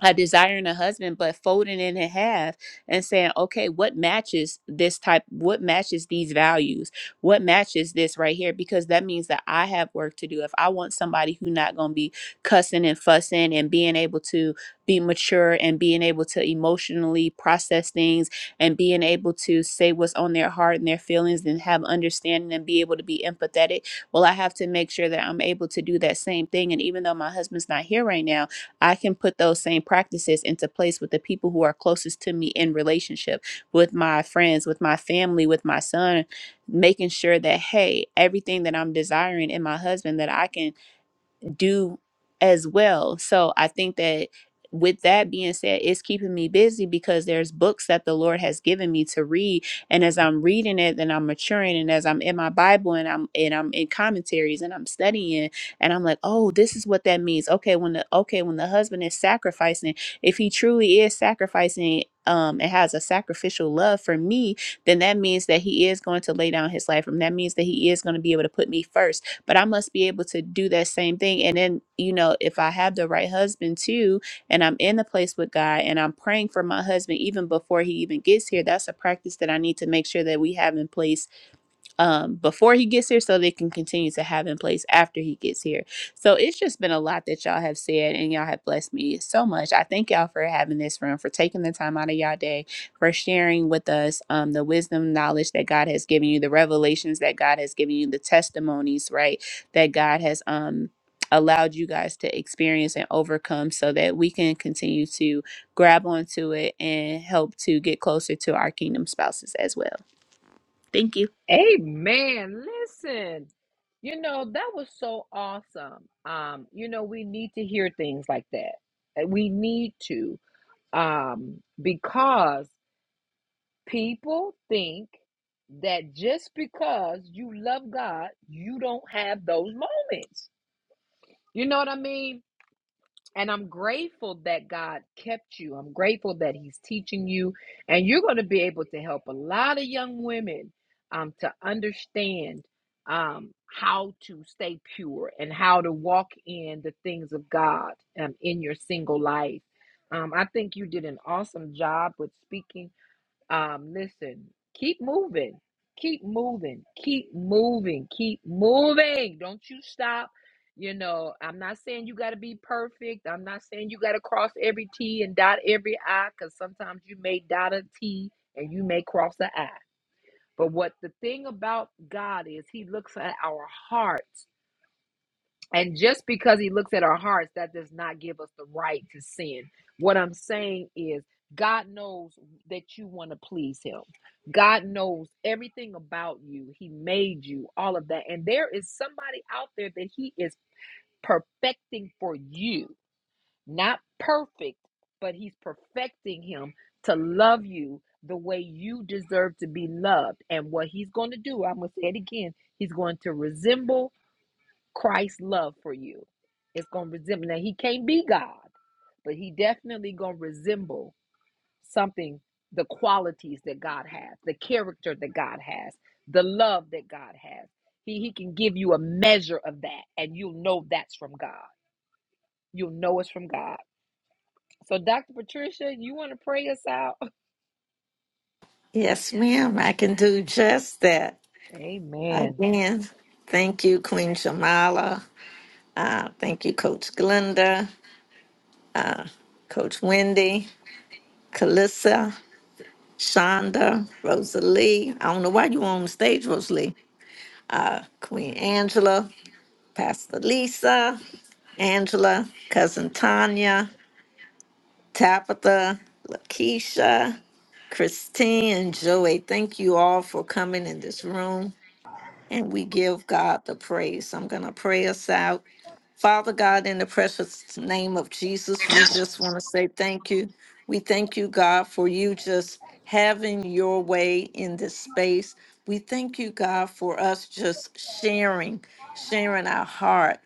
E: a desiring a husband but folding it in half and saying okay what matches this type what matches these values what matches this right here because that means that i have work to do if i want somebody who not going to be cussing and fussing and being able to be mature and being able to emotionally process things and being able to say what's on their heart and their feelings and have understanding and be able to be empathetic well i have to make sure that i'm able to do that same thing and even though my husband's not here right now I can put those same practices into place with the people who are closest to me in relationship, with my friends, with my family, with my son, making sure that, hey, everything that I'm desiring in my husband, that I can do as well. So I think that with that being said, it's keeping me busy because there's books that the Lord has given me to read. And as I'm reading it, then I'm maturing. And as I'm in my Bible and I'm and I'm in commentaries and I'm studying and I'm like, oh, this is what that means. Okay, when the okay, when the husband is sacrificing, if he truly is sacrificing um and has a sacrificial love for me, then that means that he is going to lay down his life for me. That means that he is going to be able to put me first but I must be able to do that same thing. And then, you know, if I have the right husband too, and I'm in the place with God and I'm praying for my husband even before he even gets here, that's a practice that I need to make sure that we have in place um, before he gets here so they can continue to have in place after he gets here. So it's just been a lot that y'all have said and y'all have blessed me so much. I thank y'all for having this room, for taking the time out of y'all day, for sharing with us um, the wisdom, knowledge that God has given you, the revelations that God has given you, the testimonies, right, that God has um, allowed you guys to experience and overcome so that we can continue to grab onto it and help to get closer to our kingdom spouses as well. Thank you.
A: Amen. Listen, you know, that was so awesome. Um, you know, we need to hear things like that. Uh, We need to, um, because people think that just because you love God, you don't have those moments. You know what I mean? And I'm grateful that God kept you. I'm grateful that He's teaching you. And you're going to be able to help a lot of young women um, to understand um, how to stay pure and how to walk in the things of God um, in your single life. Um, I think you did an awesome job with speaking um, listen, keep moving, keep moving, keep moving, keep moving. Don't you stop. You know, I'm not saying you got to be perfect. I'm not saying you got to cross every T and dot every I because sometimes you may dot a T and you may cross a I. But what the thing about God is, He looks at our hearts and just because he looks at our hearts, that does not give us the right to sin. What I'm saying is, God knows that you want to please him. God knows everything about you. He made you, all of that. And there is somebody out there that he is perfecting for you. Not perfect, but he's perfecting him to love you the way you deserve to be loved. And what he's going to do, I'm going to say it again, he's going to resemble Christ's love for you. It's gonna resemble now he can't be God, but he definitely gonna resemble something, the qualities that God has, the character that God has, the love that God has. He he can give you a measure of that and you'll know that's from God. You'll know it's from God. So Dr. Patricia, you wanna pray us out?
D: Yes, ma'am. I can do just that.
A: Amen.
D: Again, thank you, Queen Shamala. Uh, Thank you, Coach Glenda, Coach Wendy, Kalissa, Shonda, Rosalie. I don't know why you on the stage, Rosalie. Queen Angela, Pastor Lisa, Angela, Cousin Tanya, Tabitha, Lakeisha, Christine and Joey, thank you all for coming in this room. And we give God the praise. I'm going to pray us out. Father God, in the precious name of Jesus, we just want to say thank you. We thank you, God, for you just having your way in this space. We thank you, God, for us just sharing, sharing our heart.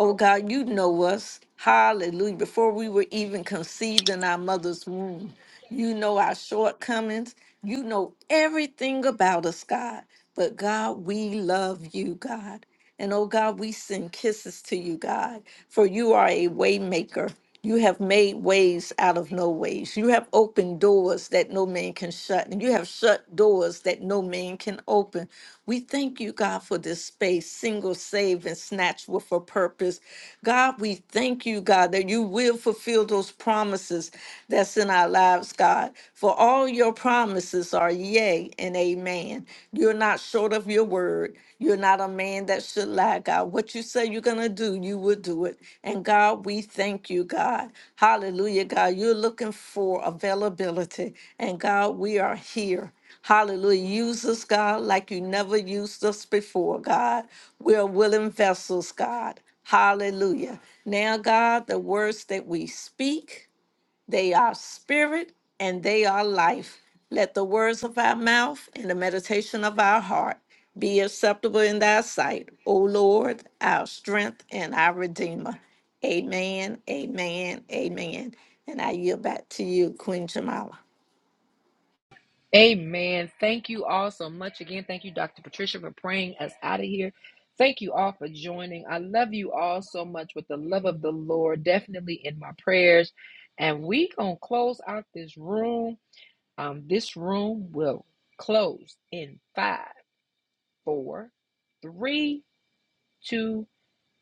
D: Oh, God, you know us. Hallelujah. Before we were even conceived in our mother's womb, you know our shortcomings. You know everything about us, God. But God, we love you, God. And oh God, we send kisses to you, God, for you are a way maker. You have made ways out of no ways. You have opened doors that no man can shut, and you have shut doors that no man can open. We thank you, God, for this space, single, saved, and snatched with a purpose. God, we thank you, God, that you will fulfill those promises that's in our lives, God. For all your promises are yea and amen. You're not short of your word. You're not a man that should lie, God. What you say you're going to do, you will do it. And God, we thank you, God. Hallelujah, God. You're looking for availability. And God, we are here. Hallelujah. Use us, God, like you never used us before, God. We're willing vessels, God. Hallelujah. Now, God, the words that we speak, they are spirit and they are life. Let the words of our mouth and the meditation of our heart be acceptable in thy sight, O Lord, our strength and our redeemer. Amen, amen, amen. And I yield back to you, Queen Jamala.
A: Amen. Thank you all so much again. Thank you, Dr. Patricia, for praying us out of here. Thank you all for joining. I love you all so much with the love of the Lord, definitely in my prayers. And we gonna close out this room. Um, this room will close in five, four, three, two,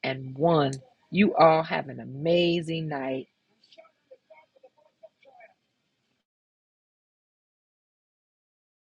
A: and one. You all have an amazing night.